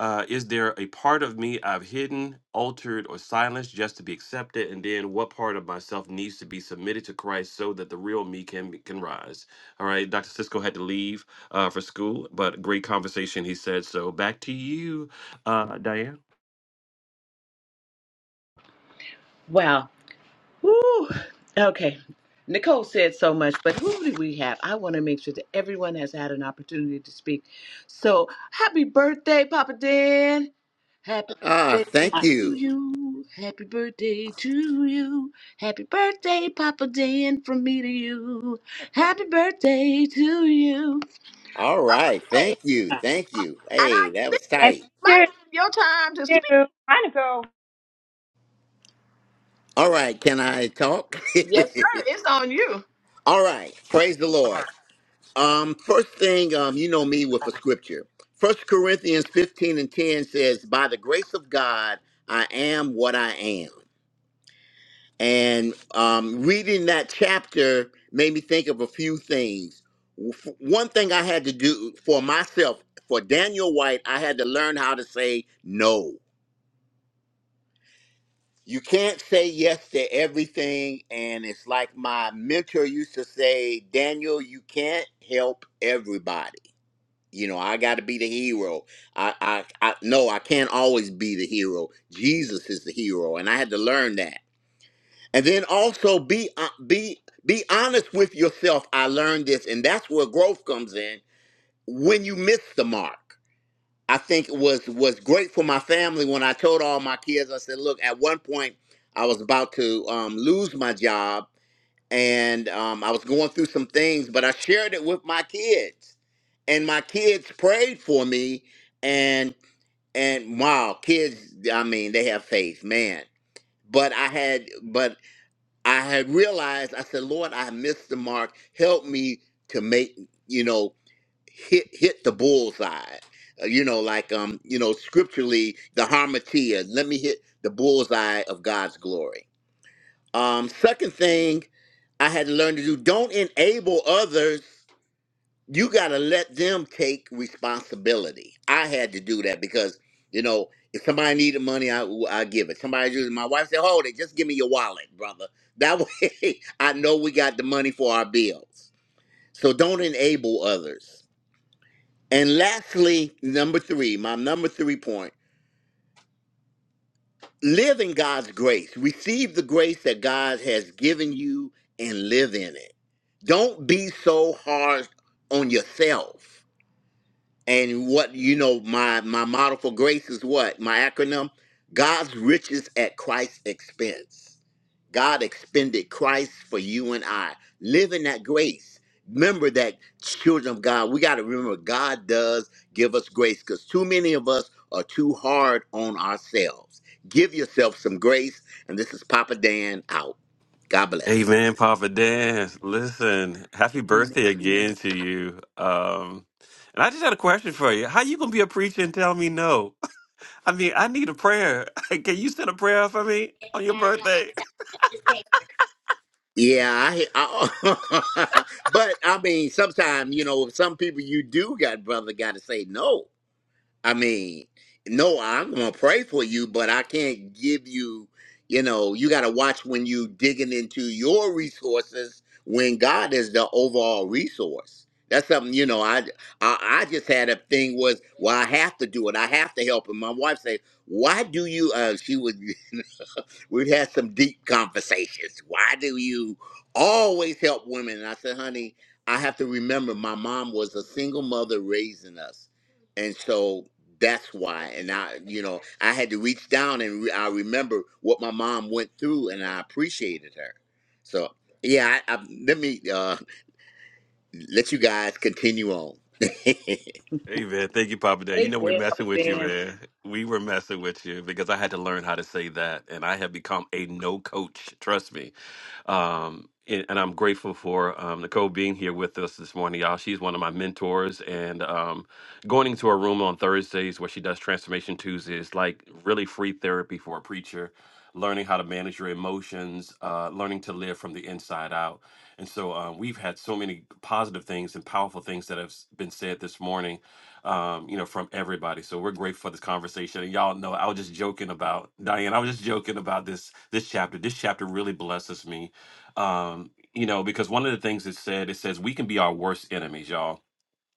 [SPEAKER 2] Uh, is there a part of me I've hidden, altered, or silenced just to be accepted? And then what part of myself needs to be submitted to Christ so that the real me can can rise? All right, Dr. Cisco had to leave uh, for school, but great conversation, he said. So back to you, uh, Diane.
[SPEAKER 1] Wow. Woo. Okay. Nicole said so much, but who do we have? I want to make sure that everyone has had an opportunity to speak. So, happy birthday, Papa Dan. Happy
[SPEAKER 9] ah,
[SPEAKER 1] birthday
[SPEAKER 9] thank
[SPEAKER 1] to
[SPEAKER 9] you.
[SPEAKER 1] you. Happy birthday to you. Happy birthday, Papa Dan, from me to you. Happy birthday to you.
[SPEAKER 9] All right.
[SPEAKER 1] Hey,
[SPEAKER 9] Thank you.
[SPEAKER 1] and
[SPEAKER 9] Thank you.
[SPEAKER 1] I
[SPEAKER 9] Hey, that
[SPEAKER 1] think it
[SPEAKER 9] was
[SPEAKER 3] And
[SPEAKER 9] tight.
[SPEAKER 3] me
[SPEAKER 1] might
[SPEAKER 3] too,
[SPEAKER 1] be your time to
[SPEAKER 3] too.
[SPEAKER 1] speak.
[SPEAKER 3] Trying to go.
[SPEAKER 9] All right. Can I talk?
[SPEAKER 1] Yes, sir. It's on you.
[SPEAKER 9] All right. Praise the Lord. Um, first thing, um, you know me with a scripture. First Corinthians 15 and 10 says, By the grace of God, I am what I am. And um, reading that chapter made me think of a few things. F- One thing I had to do for myself, for Daniel White, I had to learn how to say no. You can't say yes to everything. And it's like my mentor used to say, Daniel, you can't help everybody. You know, I got to be the hero. I, I, I, no, I can't always be the hero. Jesus is the hero. And I had to learn that. And then also be uh, be be honest with yourself. I learned this, and that's where growth comes in. When you miss the mark, I think it was was great for my family when I told all my kids. I said, "Look, at one point, I was about to um, lose my job, and um, I was going through some things, but I shared it with my kids, and my kids prayed for me, and and wow, kids! I mean, they have faith, man." But I had, but I had realized, I said, Lord, I missed the mark. Help me to make, you know, hit hit the bullseye. Uh, you know, like um, you know, scripturally, the harmatia. Let me hit the bullseye of God's glory. Um, second thing I had to learn to do, don't enable others you got to let them take responsibility. I had to do that because, you know, if somebody needed money, I, I give it. Somebody just, my wife said, hold it, just give me your wallet, brother. That way I know we got the money for our bills. So don't enable others. And lastly, number three, my number three point live in God's grace. Receive the grace that God has given you and live in it. Don't be so hard on yourself and what you know my my model for grace is what my acronym god's riches at christ's expense god expended christ for you and i live in that grace remember that children of god we got to remember god does give us grace because too many of us are too hard on ourselves give yourself some grace and this is papa dan out god
[SPEAKER 2] Amen,
[SPEAKER 9] bless
[SPEAKER 2] Papa Dan, listen, happy birthday
[SPEAKER 1] Amen.
[SPEAKER 2] again to you. Um, and I just had a question for you. How you gonna be a preacher and tell me no? I mean, I need a prayer. Can you send a prayer for me on your birthday?
[SPEAKER 9] Yeah, I, I but I mean, sometimes you know, some people you do got brother got to say no. I mean, no, I'm gonna pray for you, but I can't give you. You know, you got to watch when you digging into your resources when God is the overall resource. That's something you know. I I, I just had a thing was well, I have to do it. I have to help him. My wife say, "Why do you?" Uh, she was. We've had some deep conversations. Why do you always help women? And I said, honey, I have to remember my mom was a single mother raising us. And so that's why. And I, you know, I had to reach down and re- I remember what my mom went through and I appreciated her. So, yeah, I, I, let me uh, let you guys continue on.
[SPEAKER 2] Amen. thank you, Papa Dan. You know we're
[SPEAKER 1] Amen, Papa
[SPEAKER 2] messing with you,
[SPEAKER 1] Dan.
[SPEAKER 2] man. We were messing with you because I had to learn how to say that, and I have become a no coach. Trust me. Um, and, and I'm grateful for um, Nicole being here with us this morning, y'all. She's one of my mentors, and um, going into her room on Thursdays where she does Transformation Tuesday is like really free therapy for a preacher. Learning how to manage your emotions, uh, learning to live from the inside out, and so um, we've had so many positive things and powerful things that have s- been said this morning, um, you know, from everybody. So we're grateful for this conversation. And y'all know I was just joking about Diane. I was just joking about this this chapter. This chapter really blesses me um, you know, because one of the things it said, it says we can be our worst enemies, y'all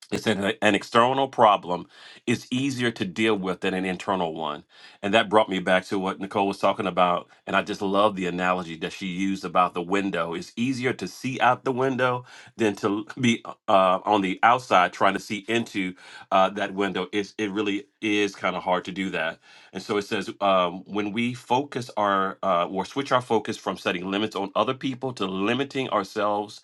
[SPEAKER 2] it's an, an external problem is easier to deal with than an internal one. And that brought me back to what Nicole was talking about. And I just love the analogy that she used about the window. It's easier to see out the window than to l- be uh, on the outside trying to see into uh, that window. It's, it really is kind of hard to do that. And so it says um, when we focus our uh, or switch our focus from setting limits on other people to limiting ourselves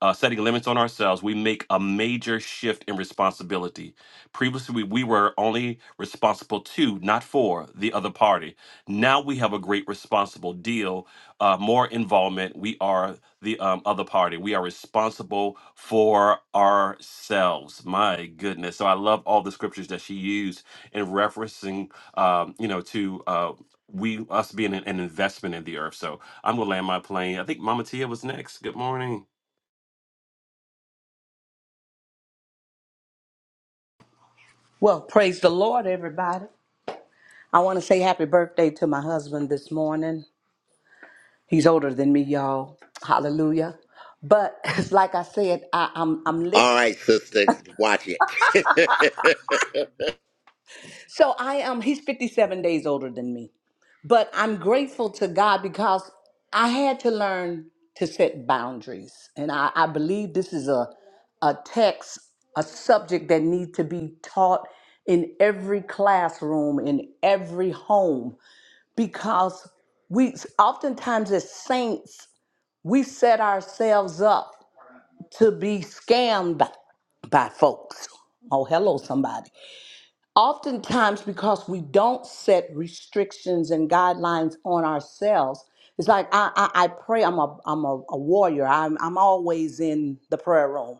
[SPEAKER 2] uh, setting limits on ourselves, we make a major shift in responsibility. Previously, we, we were only responsible to, not for, the other party. Now we have a great responsible deal, uh, more involvement. We are the um, other party. We are responsible for ourselves. My goodness. So I love all the scriptures that she used in referencing, um, you know, to. Uh, we us being an, an investment in the earth. So I'm gonna land my plane. I think Mama Tia was next. Good morning.
[SPEAKER 8] Well, praise the Lord, everybody. I want to say happy birthday to my husband this morning. He's older than me, y'all. Hallelujah. But it's like I said, I, I'm I'm
[SPEAKER 9] All
[SPEAKER 8] listening.
[SPEAKER 9] right, sister, watch it.
[SPEAKER 8] So I am. He's 57 days older than me. But I'm grateful to God because I had to learn to set boundaries. And I, I believe this is a, a text, a subject that needs to be taught in every classroom, in every home, because we oftentimes as saints, we set ourselves up to be scammed by, by folks. Oh, hello, somebody oftentimes because we don't set restrictions and guidelines on ourselves it's like i i, I pray i'm a i'm a, a warrior I'm, I'm always in the prayer room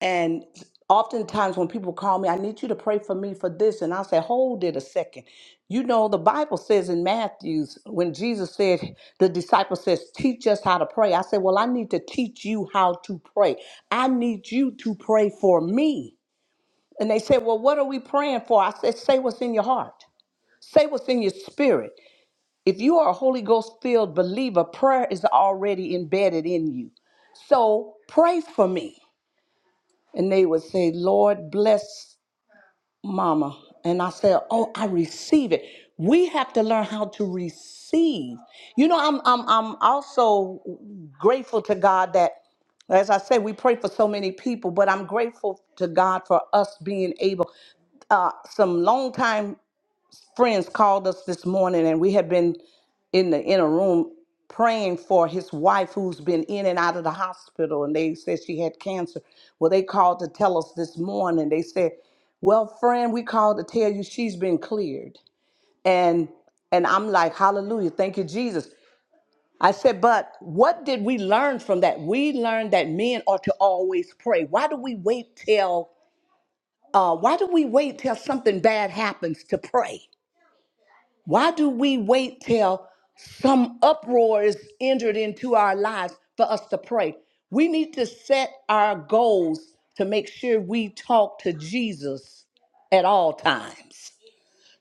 [SPEAKER 8] and oftentimes when people call me i need you to pray for me for this and i say hold it a second you know the bible says in matthews when jesus said the disciple says teach us how to pray i said well i need to teach you how to pray i need you to pray for me and they said, Well, what are we praying for? I said, Say what's in your heart, say what's in your spirit. If you are a Holy Ghost filled believer, prayer is already embedded in you. So pray for me. And they would say, Lord, bless. Mama. And I said, Oh, I receive it. We have to learn how to receive. You know, I'm I'm I'm also grateful to God that as I say, we pray for so many people, but I'm grateful to God for us being able uh, some long time friends called us this morning and we have been in the inner room praying for his wife who's been in and out of the hospital and they said she had cancer. Well, they called to tell us this morning. They said, "Well, friend, we called to tell you she's been cleared." And and I'm like, "Hallelujah. Thank you, Jesus." I said, "But what did we learn from that? We learned that men are to always pray. Why do we wait till uh, why do we wait till something bad happens to pray? Why do we wait till some uproar is entered into our lives for us to pray? We need to set our goals to make sure we talk to Jesus at all times.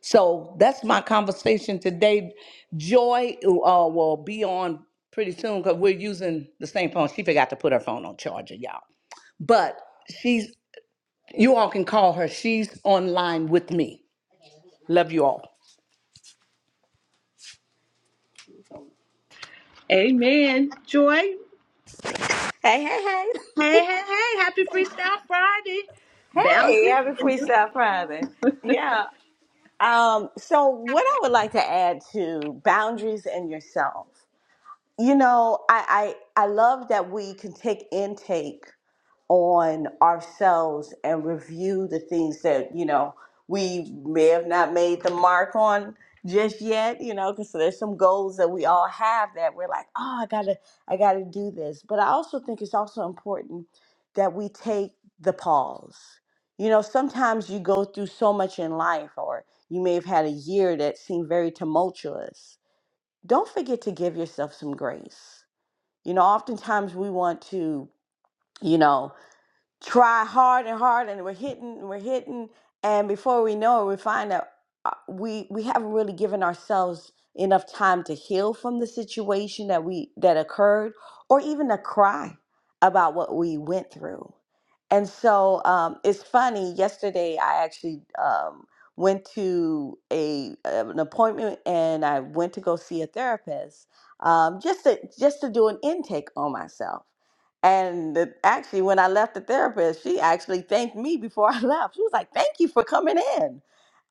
[SPEAKER 8] So that's my conversation today. Joy uh, will be on pretty soon because we're using the same phone. She forgot to put her phone on charger, y'all. But she's, you all can call her. She's online with me. Love you all.
[SPEAKER 1] Amen. Joy. Hey,
[SPEAKER 8] Hey, hey, hey.
[SPEAKER 1] hey, hey. Happy Freestyle Friday.
[SPEAKER 8] Hey,
[SPEAKER 1] Boundary.
[SPEAKER 8] happy Freestyle Friday. Yeah. Um, so what I would like to add to boundaries and yourself. You know, I, I I love that we can take intake on ourselves and review the things that you know we may have not made the mark on just yet you know because there's some goals that we all have that we're like oh i gotta i gotta do this but i also think it's also important that we take the pause you know sometimes you go through so much in life or you may have had a year that seemed very tumultuous don't forget to give yourself some grace you know oftentimes we want to you know try hard and hard and we're hitting we're hitting and before we know it we find out uh, we we haven't really given ourselves enough time to heal from the situation that we that occurred or even to cry about what we went through and so um, it's funny yesterday i actually um, went to a um, an appointment and i went to go see a therapist um, just to just to do an intake on myself and the- actually, when I left the therapist, she actually thanked me before I left. She was like, "Thank you for coming in."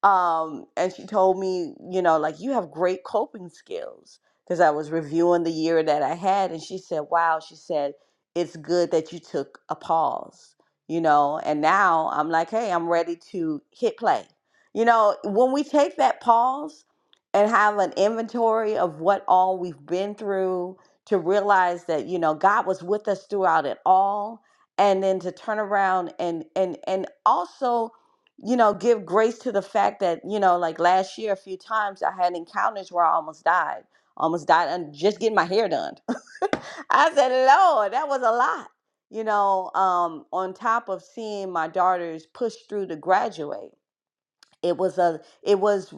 [SPEAKER 8] Um, and she told me, you know, like you have great coping skills because I was reviewing the year that I had, and she said, "Wow," she said, "It's good that you took a pause." You know, and now I'm like, "Hey, I'm ready to hit play." You know, when we take that pause and have an inventory of what all we've been through, to realize that you know God was with us throughout it all and then to turn around and and and also you know give grace to the fact that you know like last year a few times I had encounters where I almost died almost died and just getting my hair done I said lord that was a lot you know um on top of seeing my daughters push through to graduate it was a it was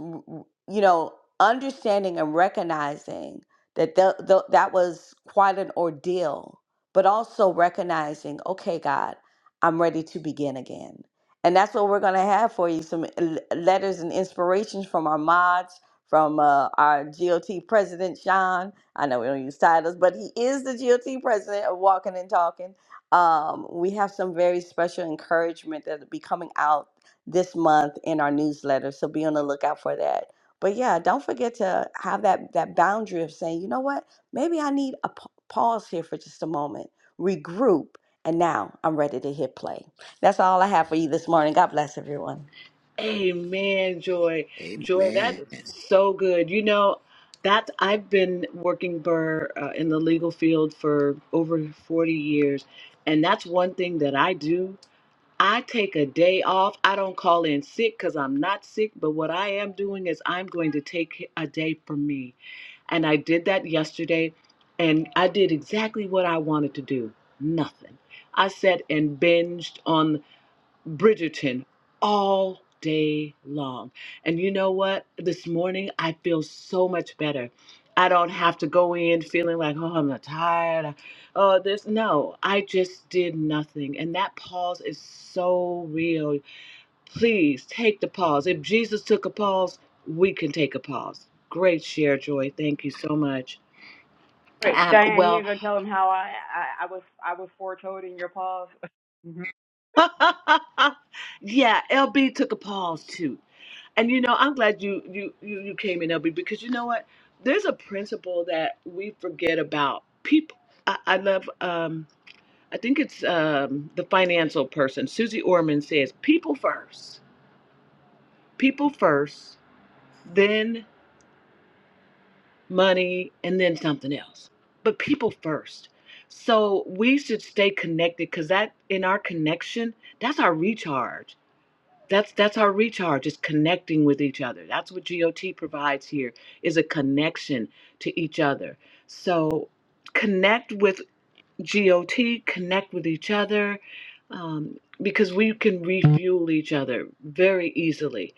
[SPEAKER 8] you know understanding and recognizing that the, the, that was quite an ordeal but also recognizing okay god i'm ready to begin again and that's what we're going to have for you some l- letters and inspirations from our mods from uh, our got president sean i know we don't use titles but he is the got president of walking and talking um, we have some very special encouragement that will be coming out this month in our newsletter. So be on the lookout for that. But yeah, don't forget to have that that boundary of saying, you know what, maybe I need a p- pause here for just a moment, regroup, and now I'm ready to hit play. That's all I have for you this morning. God bless everyone.
[SPEAKER 1] Amen, Joy. Joy, that
[SPEAKER 9] Amen.
[SPEAKER 1] is so good. You know, that I've been working Burr uh, in the legal field for over 40 years. And that's one thing that I do. I take a day off. I don't call in sick because I'm not sick, but what I am doing is I'm going to take a day for me. And I did that yesterday, and I did exactly what I wanted to do nothing. I sat and binged on. Bridgerton all day long. And you know what? This morning I feel so much better. I don't have to go in feeling like, oh, I'm not tired. Oh, this. No, I just did nothing. And that pause is so real. Please take the pause. If Jesus took a pause, we can take a pause. Great share, Joy. Thank you so much.
[SPEAKER 3] Wait,
[SPEAKER 1] Um,
[SPEAKER 3] Diane,
[SPEAKER 1] well,
[SPEAKER 3] gonna tell them how I, I I was I was for your pause.
[SPEAKER 1] yeah, LB took a pause too And you know, I'm glad you you you, you came in, LB, because you know what? There's a principle that we forget about. People, I, I love. Um, I think it's um, the financial person, Susie Orman says, "People first, people first, then money, and then something else." But people first. So we should stay connected because that in our connection, that's our recharge. That's that's our recharge is connecting with each other. That's what GOT provides here is a connection to each other. So connect with GOT, connect with each other, um, because we can refuel each other very easily.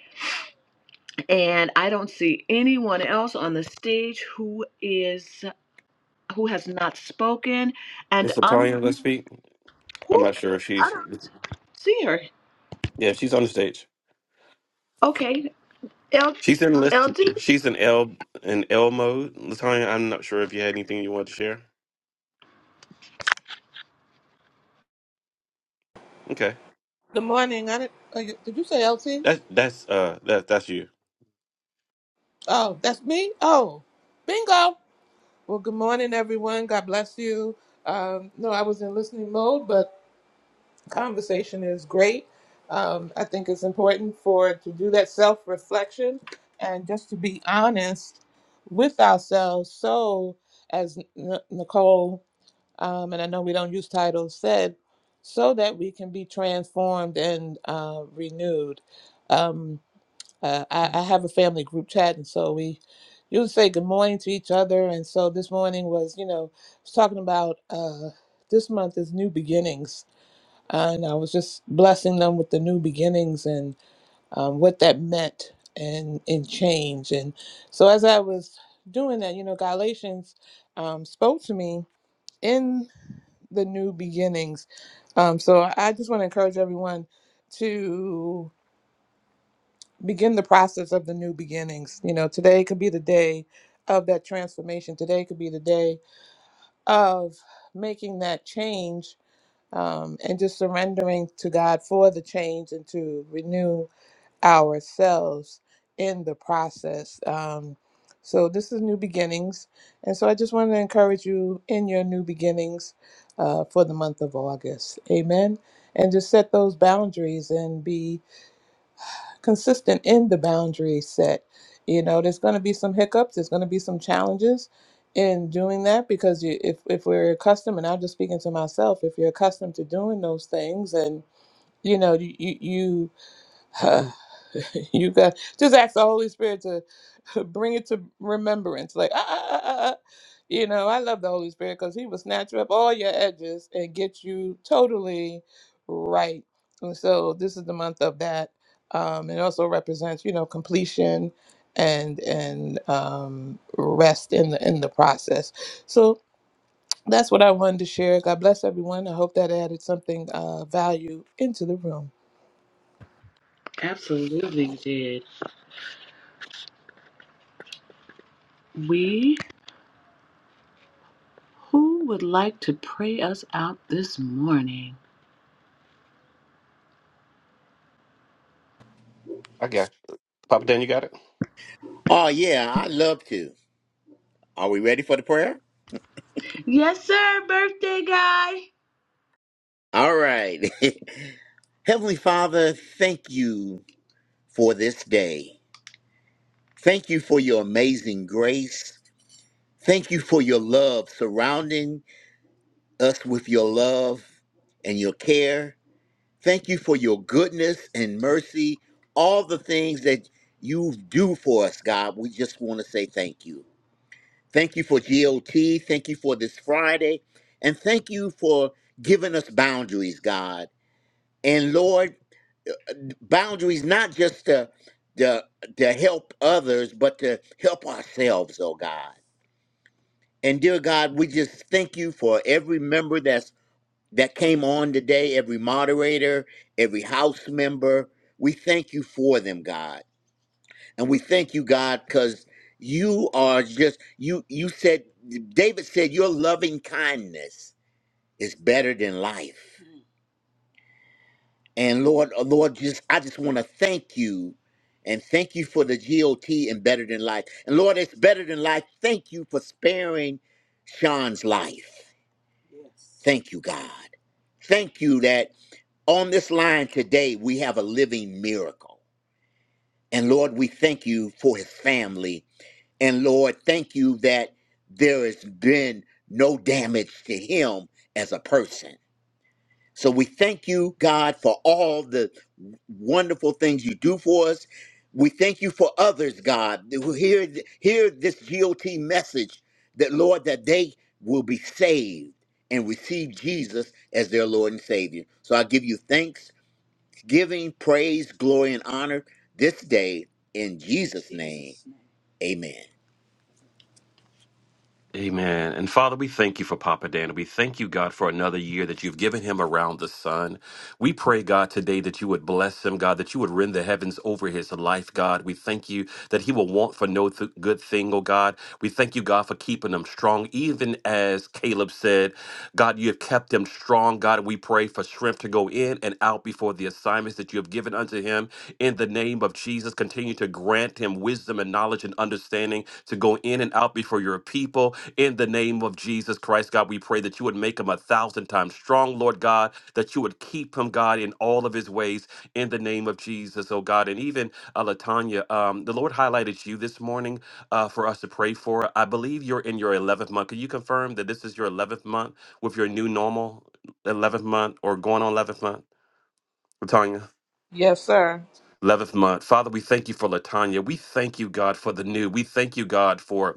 [SPEAKER 1] And I don't see anyone else on the stage who is who has not spoken. And
[SPEAKER 2] Miss
[SPEAKER 1] I'm
[SPEAKER 2] Latonya, let's speak. I'm
[SPEAKER 1] who
[SPEAKER 2] not sure if
[SPEAKER 1] I
[SPEAKER 2] she's.
[SPEAKER 1] don't see her.
[SPEAKER 2] Yeah, she's on the stage.
[SPEAKER 1] Okay, L,
[SPEAKER 2] She's in list.
[SPEAKER 1] LT.
[SPEAKER 2] She's in L in L mode. Latonya, I'm not sure if you had anything you wanted to share. Okay,
[SPEAKER 10] Good morning. I did, uh, you- did you say LT?
[SPEAKER 2] that's that's uh that that's you.
[SPEAKER 10] Oh, that's me? Oh, bingo. Well, good morning, everyone. God bless you. Um, no, I was in listening mode, but conversation is great. Um, I think it's important for to do that self reflection and just to be honest with ourselves. So, as N- Nicole, um, and I know we don't use titles, said, so that we can be transformed and uh, renewed. Um, Uh, I, I have a family group chat, and so we usually say good morning to each other. And so this morning was, you know, I was talking about uh, this month is new beginnings, and I was just blessing them with the new beginnings and um, what that meant and and change. And so as I was doing that, you know, Galatians um, spoke to me in the new beginnings. Um, so I just want to encourage everyone to begin the process of the new beginnings. You know, today could be the day of that transformation. Today could be the day of making that change um, and just surrendering to God for the change and to renew ourselves in the process. Um, so, this is new beginnings. And so, I just want to encourage you in your new beginnings uh, for the month of August. Amen. And just set those boundaries and be consistent in the boundary set. You know, there's going to be some hiccups, there's going to be some challenges in doing that because you, if, if we're accustomed, and I'm just speaking to myself, if you're accustomed to doing those things and, you know, you, you, uh, you got just ask the Holy Spirit to bring it to remembrance. Like, ah, ah, ah, ah, ah. you know, I love the Holy Spirit because He will snatch up all your edges and get you totally right. And so this is the month of that. Um, it also represents, you know, completion and and um, rest in the in the process. So that's what I wanted to share. God bless everyone. I hope that added something uh, value into the room.
[SPEAKER 1] Absolutely did. We, who would like to pray us out this morning?
[SPEAKER 2] I got you. Papa Dan. You got it.
[SPEAKER 9] Oh, yeah, I'd love to. Are we ready for the prayer?
[SPEAKER 1] Yes, sir, birthday guy.
[SPEAKER 9] All right. Heavenly Father, thank you for this day. Thank you for your amazing grace. Thank you for your love, surrounding us with your love and your care. Thank you for your goodness and mercy, all the things that you do for us, God. We just want to say thank you. Thank you for GOT. Thank you for this Friday. And thank you for giving us boundaries, God. And Lord, boundaries not just to to to help others but to help ourselves oh god and dear god we just thank you for every member that's that came on today every moderator every house member we thank you for them god and we thank you god because you are just you you said david said your loving kindness is better than life And Lord, oh Lord, just I just want to thank you and thank you for the GOT and Better Than Life. And Lord, it's Better Than Life. Thank you for sparing Sean's life. Thank you, God. Thank you that on this line today we have a living miracle. And Lord, we thank you for his family. And Lord, thank you that there has been no damage to him as a person. So we thank you, God, for all the wonderful things you do for us. We thank you for others, God, who hear, hear this GOT message that, Lord, that they will be saved and receive Jesus as their Lord and Savior. So I give you thanks, giving, praise, glory, and honor this day in Jesus' name. Amen.
[SPEAKER 2] Amen. And Father, we thank you for Papa Dan. We thank you, God, for another year that you've given him around the sun. We pray, God, today that you would bless him, God, that you would rend the heavens over his life, God. We thank you that he will want for no th- good thing, oh God. We thank you, God, for keeping him strong. Even as Caleb said, God, you have kept him strong. God, we pray for strength to go in and out before the assignments that you have given unto him. In the name of Jesus, continue to grant him wisdom and knowledge and understanding to go in and out before your people. In the name of Jesus Christ, God, we pray that you would make him a thousand times strong, Lord God, that you would keep him, God, in all of his ways, in the name of Jesus, oh God. And even uh, Latanya, um, the Lord highlighted you this morning uh, for us to pray for. I believe you're in your 11th month. Can you confirm that this is your 11th month with your new normal 11th month or going on 11th month? Latanya?
[SPEAKER 10] Yes, sir.
[SPEAKER 2] 11th month. Father, we thank you for Latanya. We thank you, God, for the new. We thank you, God, for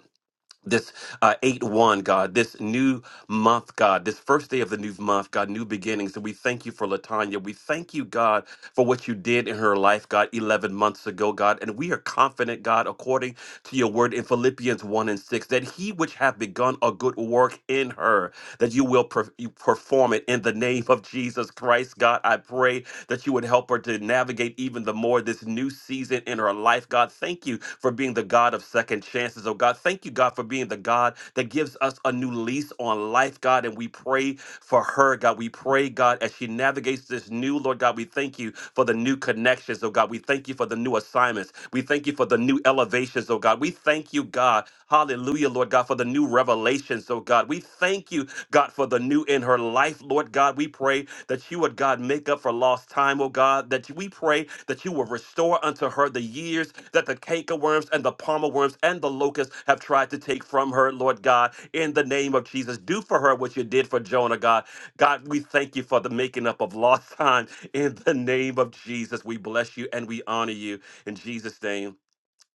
[SPEAKER 2] this uh, 8 1, God, this new month, God, this first day of the new month, God, new beginnings. And we thank you for Latanya. We thank you, God, for what you did in her life, God, 11 months ago, God. And we are confident, God, according to your word in Philippians 1 and 6, that he which hath begun a good work in her, that you will per- you perform it in the name of Jesus Christ, God. I pray that you would help her to navigate even the more this new season in her life. God, thank you for being the God of second chances. Oh, God, thank you, God, for being the God that gives us a new lease on life, God. And we pray for her, God. We pray, God, as she navigates this new, Lord God, we thank you for the new connections, oh God. We thank you for the new assignments. We thank you for the new elevations, oh God. We thank you, God. Hallelujah, Lord God, for the new revelations, oh God. We thank you God, for the new in her life, Lord God. We pray that you would, God, make up for lost time, oh God. That you- we pray that you will restore unto her the years that the cankerworms and the palmer worms and the locusts have tried to take from her, Lord God. In the name of Jesus, do for her what you did for Jonah, God. God, we thank you for the making up of lost time. In the name of Jesus, we bless you and we honor you. In Jesus' name.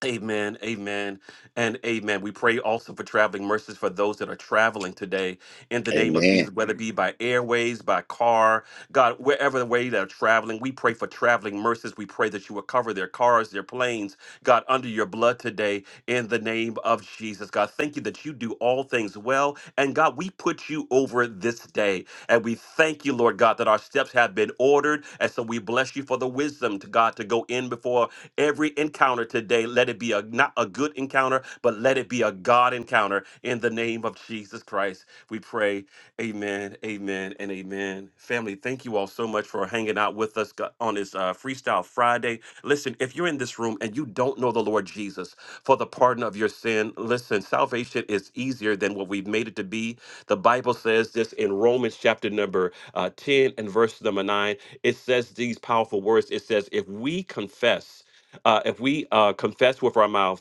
[SPEAKER 2] Amen, amen, and amen. We pray also for traveling mercies for those that are traveling today in the name of
[SPEAKER 9] Amen.
[SPEAKER 2] Jesus, whether it be by airways, by car, God, wherever the way they're traveling, we pray for traveling mercies. We pray that you will cover their cars, their planes, God, under your blood today in the name of Jesus. God, thank you that you do all things well. And God, we put you over this day. And we thank you, Lord God, that our steps have been ordered. And so we bless you for the wisdom to God to go in before Every encounter today, let it be a not a good encounter, but let it be a God encounter in the name of Jesus Christ. We pray. Amen. Amen. And amen. Family, thank you all so much for hanging out with us go- on this uh, Freestyle Friday. Listen, if you're in this room and you don't know the Lord Jesus for the pardon of your sin, listen, salvation is easier than what we've made it to be. The Bible says this in Romans chapter number uh, 10 and verse number 9. It says these powerful words. It says, if we confess uh, if we uh, confess with our mouth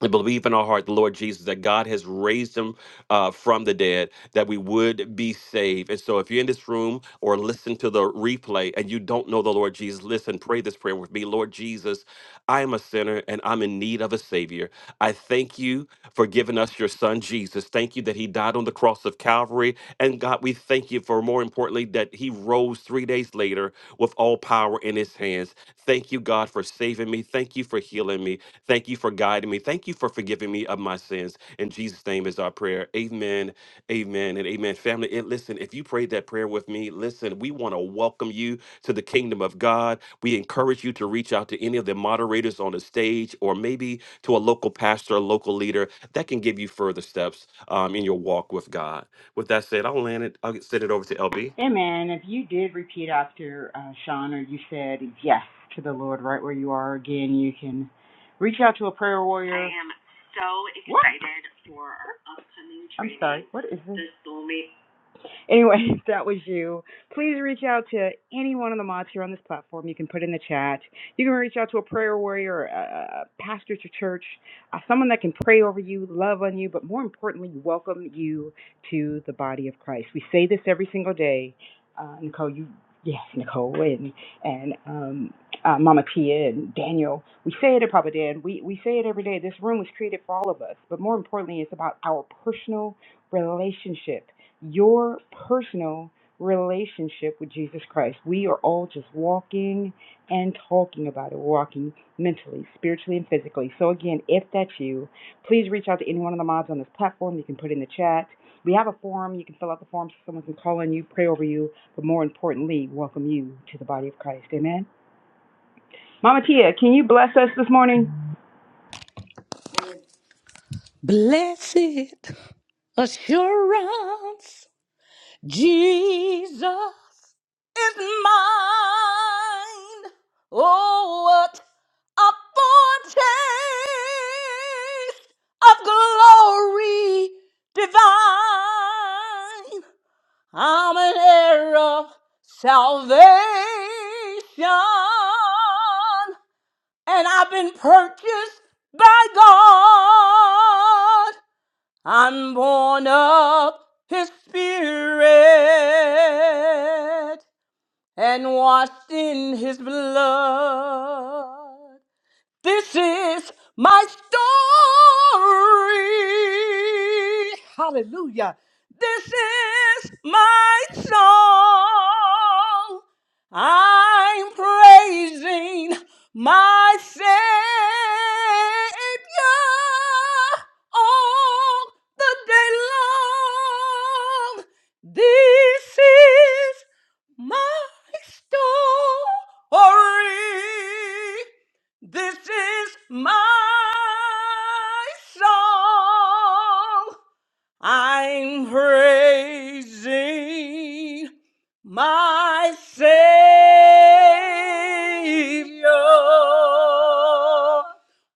[SPEAKER 2] and believe in our heart the Lord Jesus that God has raised him uh, from the dead, that we would be saved. And so, if you're in this room or listen to the replay and you don't know the Lord Jesus, listen, pray this prayer with me Lord Jesus, I am a sinner and I'm in need of a Savior. I thank you for giving us your Son, Jesus. Thank you that He died on the cross of Calvary. And God, we thank you for more importantly that He rose three days later with all power in His hands. Thank you, God, for saving me. Thank you for healing me. Thank you for guiding me. Thank you for forgiving me of my sins. In Jesus' name is our prayer. Amen. Amen. And amen. Family, and listen, if you prayed that prayer with me, listen, we want to welcome you to the kingdom of God. We encourage you to reach out to any of the moderators on the stage or maybe to a local pastor, a local leader that can give you further steps um, in your walk with God. With that said, I'll land it. I'll send it over to LB.
[SPEAKER 3] Amen. If you did repeat after uh, Sean or you said yes to the Lord right where you are again, you can reach out to a prayer warrior. I am so What? excited what? for our upcoming training. I'm sorry, what is this? The Soulmate anyway, that was you. Please reach out to any one of the mods here on this platform. You can put in the chat. You can reach out to a prayer warrior, a, pastor at your church, uh, someone that can pray over you, love on you, but more importantly, welcome you to the body of Christ. We say this every single day. Uh, Nicole, you, yes, Nicole, and, and um, uh, Mama Tia and Daniel, we say it at Papa Dan. We, we say it every day. This room was created for all of us, but more importantly, it's about our personal relationship your personal relationship with Jesus Christ. We are all just walking and talking about it, walking mentally, spiritually, and physically. So, again, if that's you, please reach out to any one of the mods on this platform. You can put in the chat. We have a forum. You can fill out the form so someone can call on you, pray over you, but more importantly, welcome you to the body of Christ. Amen. Mama Tia, can you bless us this morning?
[SPEAKER 8] Blessed assurance, Jesus is mine. Oh, a foretaste of glory divine. I'm an heir of salvation, and I've been purchased by God. I'm born of His Spirit and washed in His blood. This is my story. Hallelujah. This is my song. I'm praising my Savior all the day long. This is my story. This is my song. I'm praising my Savior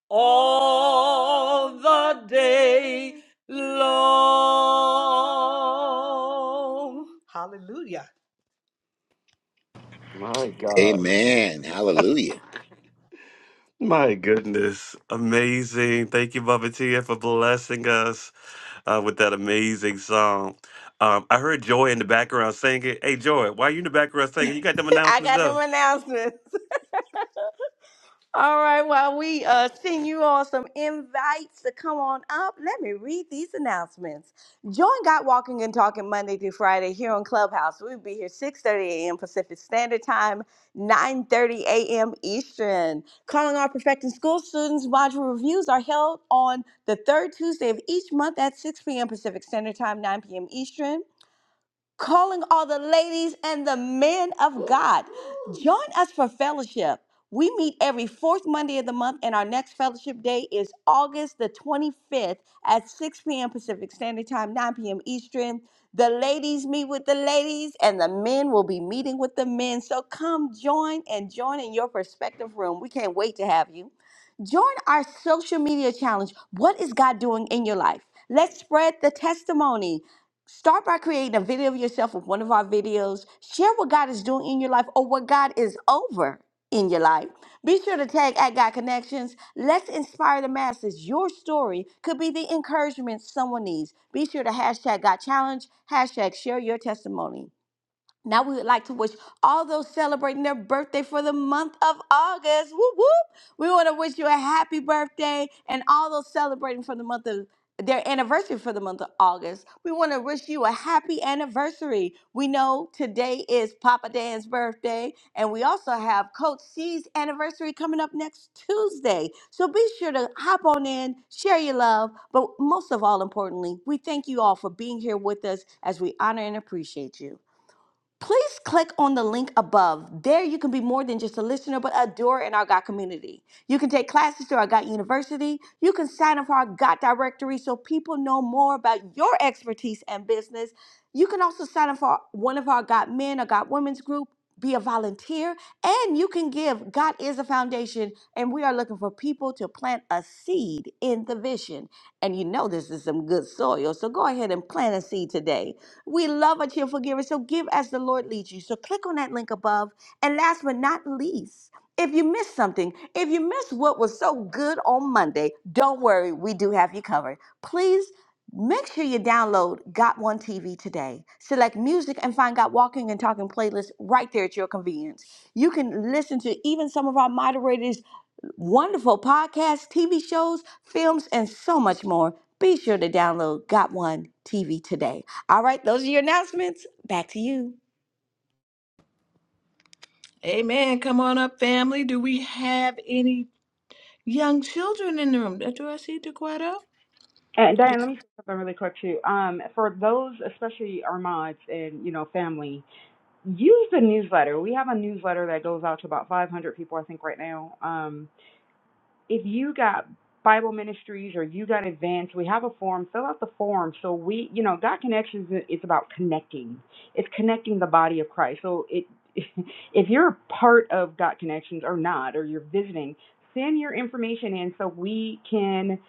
[SPEAKER 8] all the day long.
[SPEAKER 2] My God.
[SPEAKER 9] Amen. Hallelujah.
[SPEAKER 2] My goodness. Amazing. Thank you, Bubba Tia, for blessing us. uh, with that amazing song. Um, I heard Joy in the background singing. Hey, Joy, why you in the background singing? You got them
[SPEAKER 8] I
[SPEAKER 2] announcements
[SPEAKER 8] got them
[SPEAKER 2] though.
[SPEAKER 8] announcements. All right, while we uh, send you all some invites to come on up, let me read these announcements. Join God Walking and Talking Monday through Friday here on Clubhouse. We'll be here 6.30 a.m. Pacific Standard Time, 9.30 a.m. Eastern. Calling Our Perfecting School students, module reviews are held on the third Tuesday of each month at 6 p.m. Pacific Standard Time, 9 p.m. Eastern calling all the ladies and the men of God. Join us for fellowship. We meet every fourth Monday of the month, and our next fellowship day is August the 25th at 6 p.m. Pacific Standard Time, 9 p.m. Eastern. The ladies meet with the ladies, and the men will be meeting with the men. So come join and join in your perspective room. We can't wait to have you. Join our social media challenge. What is God doing in your life? Let's spread the testimony. Start by creating a video of yourself with one of our videos. Share what God is doing in your life or what God is over in your life. Be sure to tag at God Connections. Let's inspire the masses. Your story could be the encouragement someone needs. Be sure to hashtag God Challenge, hashtag share your testimony. Now we would like to wish all those celebrating their birthday for the month of August. Whoop whoop. We want to wish you a happy birthday and all those celebrating for the month of their anniversary for the month of August. We want to wish you a happy anniversary. We know today is Papa Dan's birthday, and we also have Coach C's anniversary coming up next Tuesday. So be sure to hop on in, share your love, but most of all, importantly, we thank you all for being here with us as we honor and appreciate you. Please click on the link above. There, you can be more than just a listener, but a doer in our GOT community. You can take classes through our GOT University. You can sign up for our GOT directory so people know more about your expertise and business. You can also sign up for one of our GOT men or GOT women's group, be a volunteer, and you can give. God is a foundation, and we are looking for people to plant a seed in the vision. And you know this is some good soil, so go ahead and plant a seed today. We love a cheerful giver. So give as the Lord leads you. So click on that link above. And last but not least, if you missed something, if you missed what was so good on Monday, don't worry, we do have you covered. Please make sure you download Got One TV today. Select music and find Got Walking and Talking playlist right there at your convenience. You can listen to even some of our moderators wonderful podcasts, TV shows, films, and so much more. Be sure to download Got One TV today. All right, those are your announcements. Back to you.
[SPEAKER 1] Amen. Come on up, family. Do we have any young children in the room? Do I see DeQuetta?
[SPEAKER 3] And Diane, let me say something really quick too. Um, for those, especially our mods and you know family, use the newsletter. We have a newsletter that goes out to about 500 people, I think, right now. Um, if you got Bible ministries or you got advanced, we have a form. Fill out the form. So we, you know, God Connections i- is it's about connecting. It's connecting the body of Christ. So it, if you're a part of God Connections or not, or you're visiting, send your information in so we can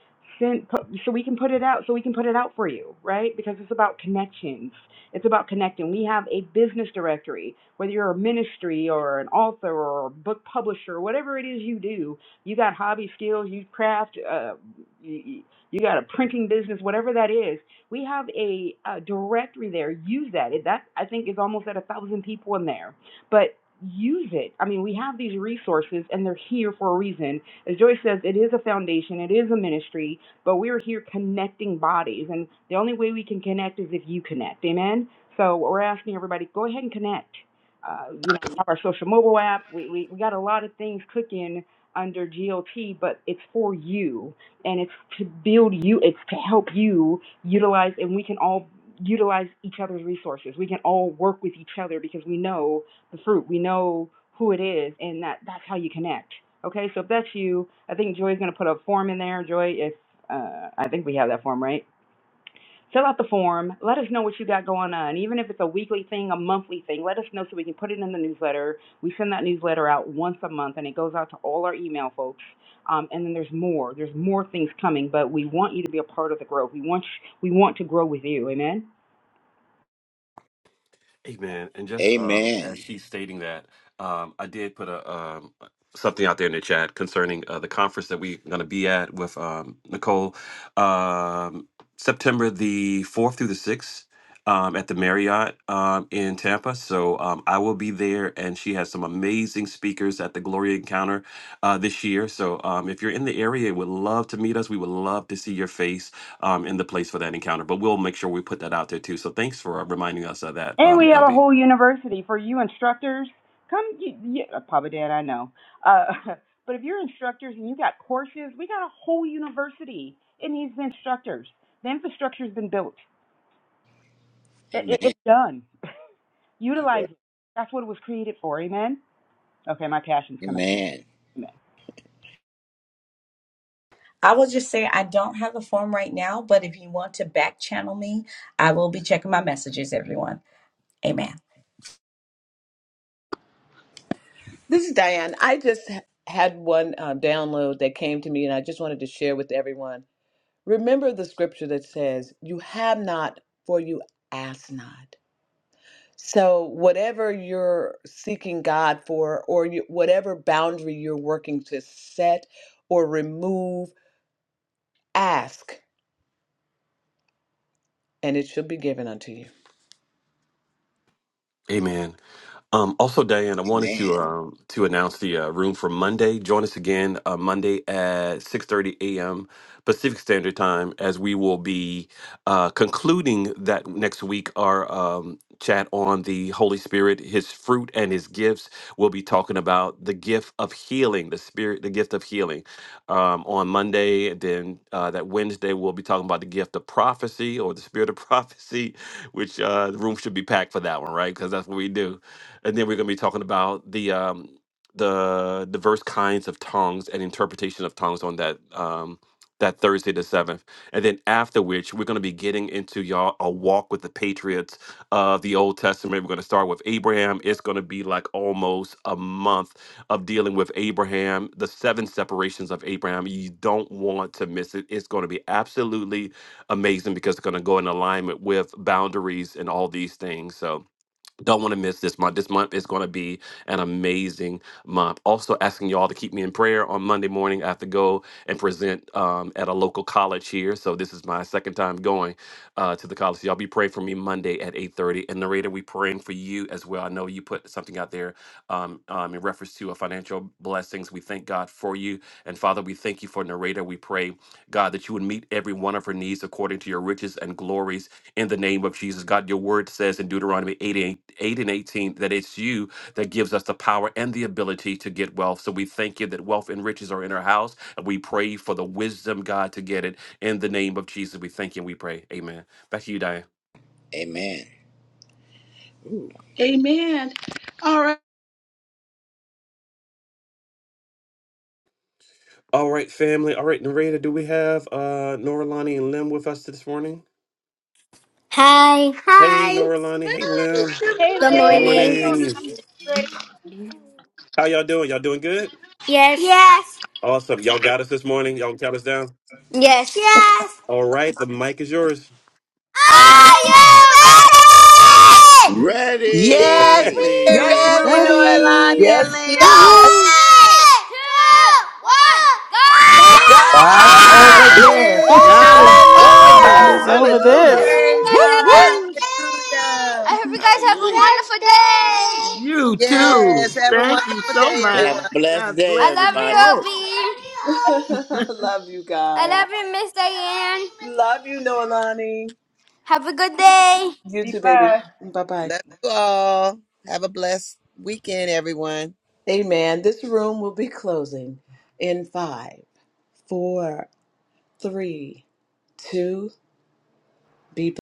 [SPEAKER 3] send, pu- so we can put it out, so we can put it out for you, right? Because it's about connections. It's about connecting. We have a business directory. Whether you're a ministry or an author or a book publisher, whatever it is you do, you got hobby skills, you craft, uh, you, you got a printing business, whatever that is. We have a, a directory there. Use that. It, that I think is almost at a thousand people in there, but use it. I mean, we have these resources and they're here for a reason. As Joyce says, it is a foundation, it is a ministry, but we're here connecting bodies, and the only way we can connect is if you connect. Amen. So we're asking everybody, go ahead and connect. Uh, you know, we have our social mobile app. We, we, we got a lot of things cooking under GLT, but it's for you and it's to build you, it's to help you utilize, and we can all utilize each other's resources. We can all work with each other because we know the fruit, we know who it is, and that that's how you connect. Okay, so if that's you, I think Joy's going to put a form in there. Joy, if uh, I think we have that form, right? Fill out the form. Let us know what you got going on. Even if it's a weekly thing, a monthly thing, let us know so we can put it in the newsletter. We send that newsletter out once a month and it goes out to all our email folks. Um, and then there's more. There's more things coming, but we want you to be a part of the growth. We want we want to grow with you. Amen.
[SPEAKER 2] Amen. And just um,
[SPEAKER 9] Amen.
[SPEAKER 2] as she's stating that, um, I did put a um, something out there in the chat concerning uh, the conference that we're going to be at with um, Nicole, um, September the fourth through the sixth. Um, at the Marriott um, in Tampa. So um, I will be there, and she has some amazing speakers at the Glory Encounter uh, this year. So um, if you're in the area, would love to meet us. We would love to see your face um, in the place for that encounter. But we'll make sure we put that out there too. So thanks for reminding us of that,
[SPEAKER 3] And we
[SPEAKER 2] um,
[SPEAKER 3] have a
[SPEAKER 2] LB.
[SPEAKER 3] whole university for you instructors. Come, you, you, uh, Papa Dan, I know. Uh, but if you're instructors and you got courses, we got a whole university. It needs the instructors. The infrastructure's been built. It, it,
[SPEAKER 9] Amen.
[SPEAKER 3] it's done.
[SPEAKER 9] All right.
[SPEAKER 3] Utilize it. That's what it was created for. Amen. Okay, my passion's coming.
[SPEAKER 9] Amen.
[SPEAKER 3] Amen.
[SPEAKER 11] I will just say I don't have the form right now, but if you want to back channel me, I will be checking my messages, everyone. Amen.
[SPEAKER 1] This is Diane. I just h- had one uh, download that came to me, and I just wanted to share with everyone. Remember the scripture that says, You have not, for you ask not. So, whatever you're seeking God for, or you, whatever boundary you're working to set or remove, ask, and it shall be given unto you.
[SPEAKER 2] Amen. Um, also, Diane, I wanted
[SPEAKER 9] Amen.
[SPEAKER 2] to um, to announce the uh, room for Monday. Join us again uh, Monday at six thirty a.m. Pacific Standard Time, as we will be uh, concluding that next week our um, chat on the Holy Spirit, His fruit and His gifts. We'll be talking about the gift of healing, the Spirit, the gift of healing. Um, on Monday, then uh, that Wednesday we'll be talking about the gift of prophecy or the Spirit of prophecy, which uh, the room should be packed for that one, right? Because that's what we do and then we're going to be talking about the um, the diverse kinds of tongues and interpretation of tongues on that um, that Thursday the seventh, and then after which we're going to be getting into y'all a walk with the patriots of the Old Testament. We're going to start with Abraham. It's going to be like almost a month of dealing with Abraham, the seven separations of Abraham. You don't want to miss it. It's going to be absolutely amazing because it's going to go in alignment with boundaries and all these things. So don't want to miss this month. This month is going to be an amazing month. Also, asking y'all to keep me in prayer on Monday morning. I have to go and present um, at a local college here, so this is my second time going uh, to the college. So y'all be praying for me Monday at eight thirty. And narrator, we praying for you as well. I know you put something out there um, um, in reference to a financial blessings. We thank God for you, and Father, we thank you for narrator. We pray, God, that you would meet every one of her needs according to your riches and glories in the name of Jesus. God, your word says in Deuteronomy 8, and 8 and 18 that it's you that gives us the power and the ability to get wealth. So we thank you that wealth and riches are in our house, and we pray for the wisdom, God, to get it in the name of Jesus. We thank you and we pray. Amen. Back to you, Diane.
[SPEAKER 9] Amen.
[SPEAKER 1] Amen. All right.
[SPEAKER 2] All right, family. All right, Narita, do we have uh Noralani and Lim with us this morning?
[SPEAKER 12] Hi.
[SPEAKER 2] Hey,
[SPEAKER 12] Hi.
[SPEAKER 2] Noralani. Hey, Lim.
[SPEAKER 1] Good
[SPEAKER 12] Good
[SPEAKER 2] Good
[SPEAKER 12] morning.
[SPEAKER 1] morning.
[SPEAKER 2] morning. How y'all doing? Y'all doing good?
[SPEAKER 12] Yes. Yes.
[SPEAKER 2] Awesome. Y'all got us this morning. Y'all count us down.
[SPEAKER 12] Yes. Yes.
[SPEAKER 2] All right, the mic is yours.
[SPEAKER 12] Are you ready?
[SPEAKER 1] Yes,
[SPEAKER 5] yes
[SPEAKER 9] Ready.
[SPEAKER 1] we
[SPEAKER 5] we're
[SPEAKER 8] Yes,
[SPEAKER 2] Ready.
[SPEAKER 8] we're
[SPEAKER 5] ready
[SPEAKER 8] ready.
[SPEAKER 5] norlani
[SPEAKER 13] Ready.
[SPEAKER 5] and
[SPEAKER 14] Yes, we
[SPEAKER 5] lamb
[SPEAKER 14] are.
[SPEAKER 13] Woo-hoo.
[SPEAKER 12] Three, two, one,
[SPEAKER 1] ready. God,
[SPEAKER 12] go!
[SPEAKER 5] God
[SPEAKER 15] Box
[SPEAKER 5] is
[SPEAKER 15] over
[SPEAKER 5] over
[SPEAKER 9] Woo!
[SPEAKER 15] there.
[SPEAKER 5] this.
[SPEAKER 14] God is over
[SPEAKER 13] God
[SPEAKER 14] this.
[SPEAKER 13] is
[SPEAKER 5] Hallelujah.
[SPEAKER 8] Woo,
[SPEAKER 13] over this.
[SPEAKER 12] I
[SPEAKER 14] Hallelujah.
[SPEAKER 12] hope you
[SPEAKER 5] Praise
[SPEAKER 8] woo,
[SPEAKER 12] guys have
[SPEAKER 8] woo.
[SPEAKER 5] God.
[SPEAKER 12] a
[SPEAKER 5] Hallelujah.
[SPEAKER 12] I hope you guys have a
[SPEAKER 9] Hallelujah.
[SPEAKER 12] wonderful day.
[SPEAKER 14] You
[SPEAKER 1] over.
[SPEAKER 5] Yes.
[SPEAKER 14] too.
[SPEAKER 5] Have a
[SPEAKER 14] Thank you
[SPEAKER 5] wonderful
[SPEAKER 14] so
[SPEAKER 5] day,
[SPEAKER 14] much.
[SPEAKER 9] Have
[SPEAKER 5] everyone.
[SPEAKER 9] a blessed
[SPEAKER 14] God
[SPEAKER 9] day,
[SPEAKER 14] bless
[SPEAKER 12] I love
[SPEAKER 14] you
[SPEAKER 12] you,
[SPEAKER 9] everybody.
[SPEAKER 14] both.
[SPEAKER 12] Obi.
[SPEAKER 1] this. Love you
[SPEAKER 12] I
[SPEAKER 1] guys.
[SPEAKER 12] love you, Miss Diane.
[SPEAKER 1] Love you, Noelani.
[SPEAKER 12] Have a good day.
[SPEAKER 1] You
[SPEAKER 3] Be
[SPEAKER 1] too, baby.
[SPEAKER 3] blessed.
[SPEAKER 1] Bye bye.
[SPEAKER 5] Love you all. Have a blessed weekend, everyone.
[SPEAKER 1] Amen. This room will be closing in five, four, three, two. Be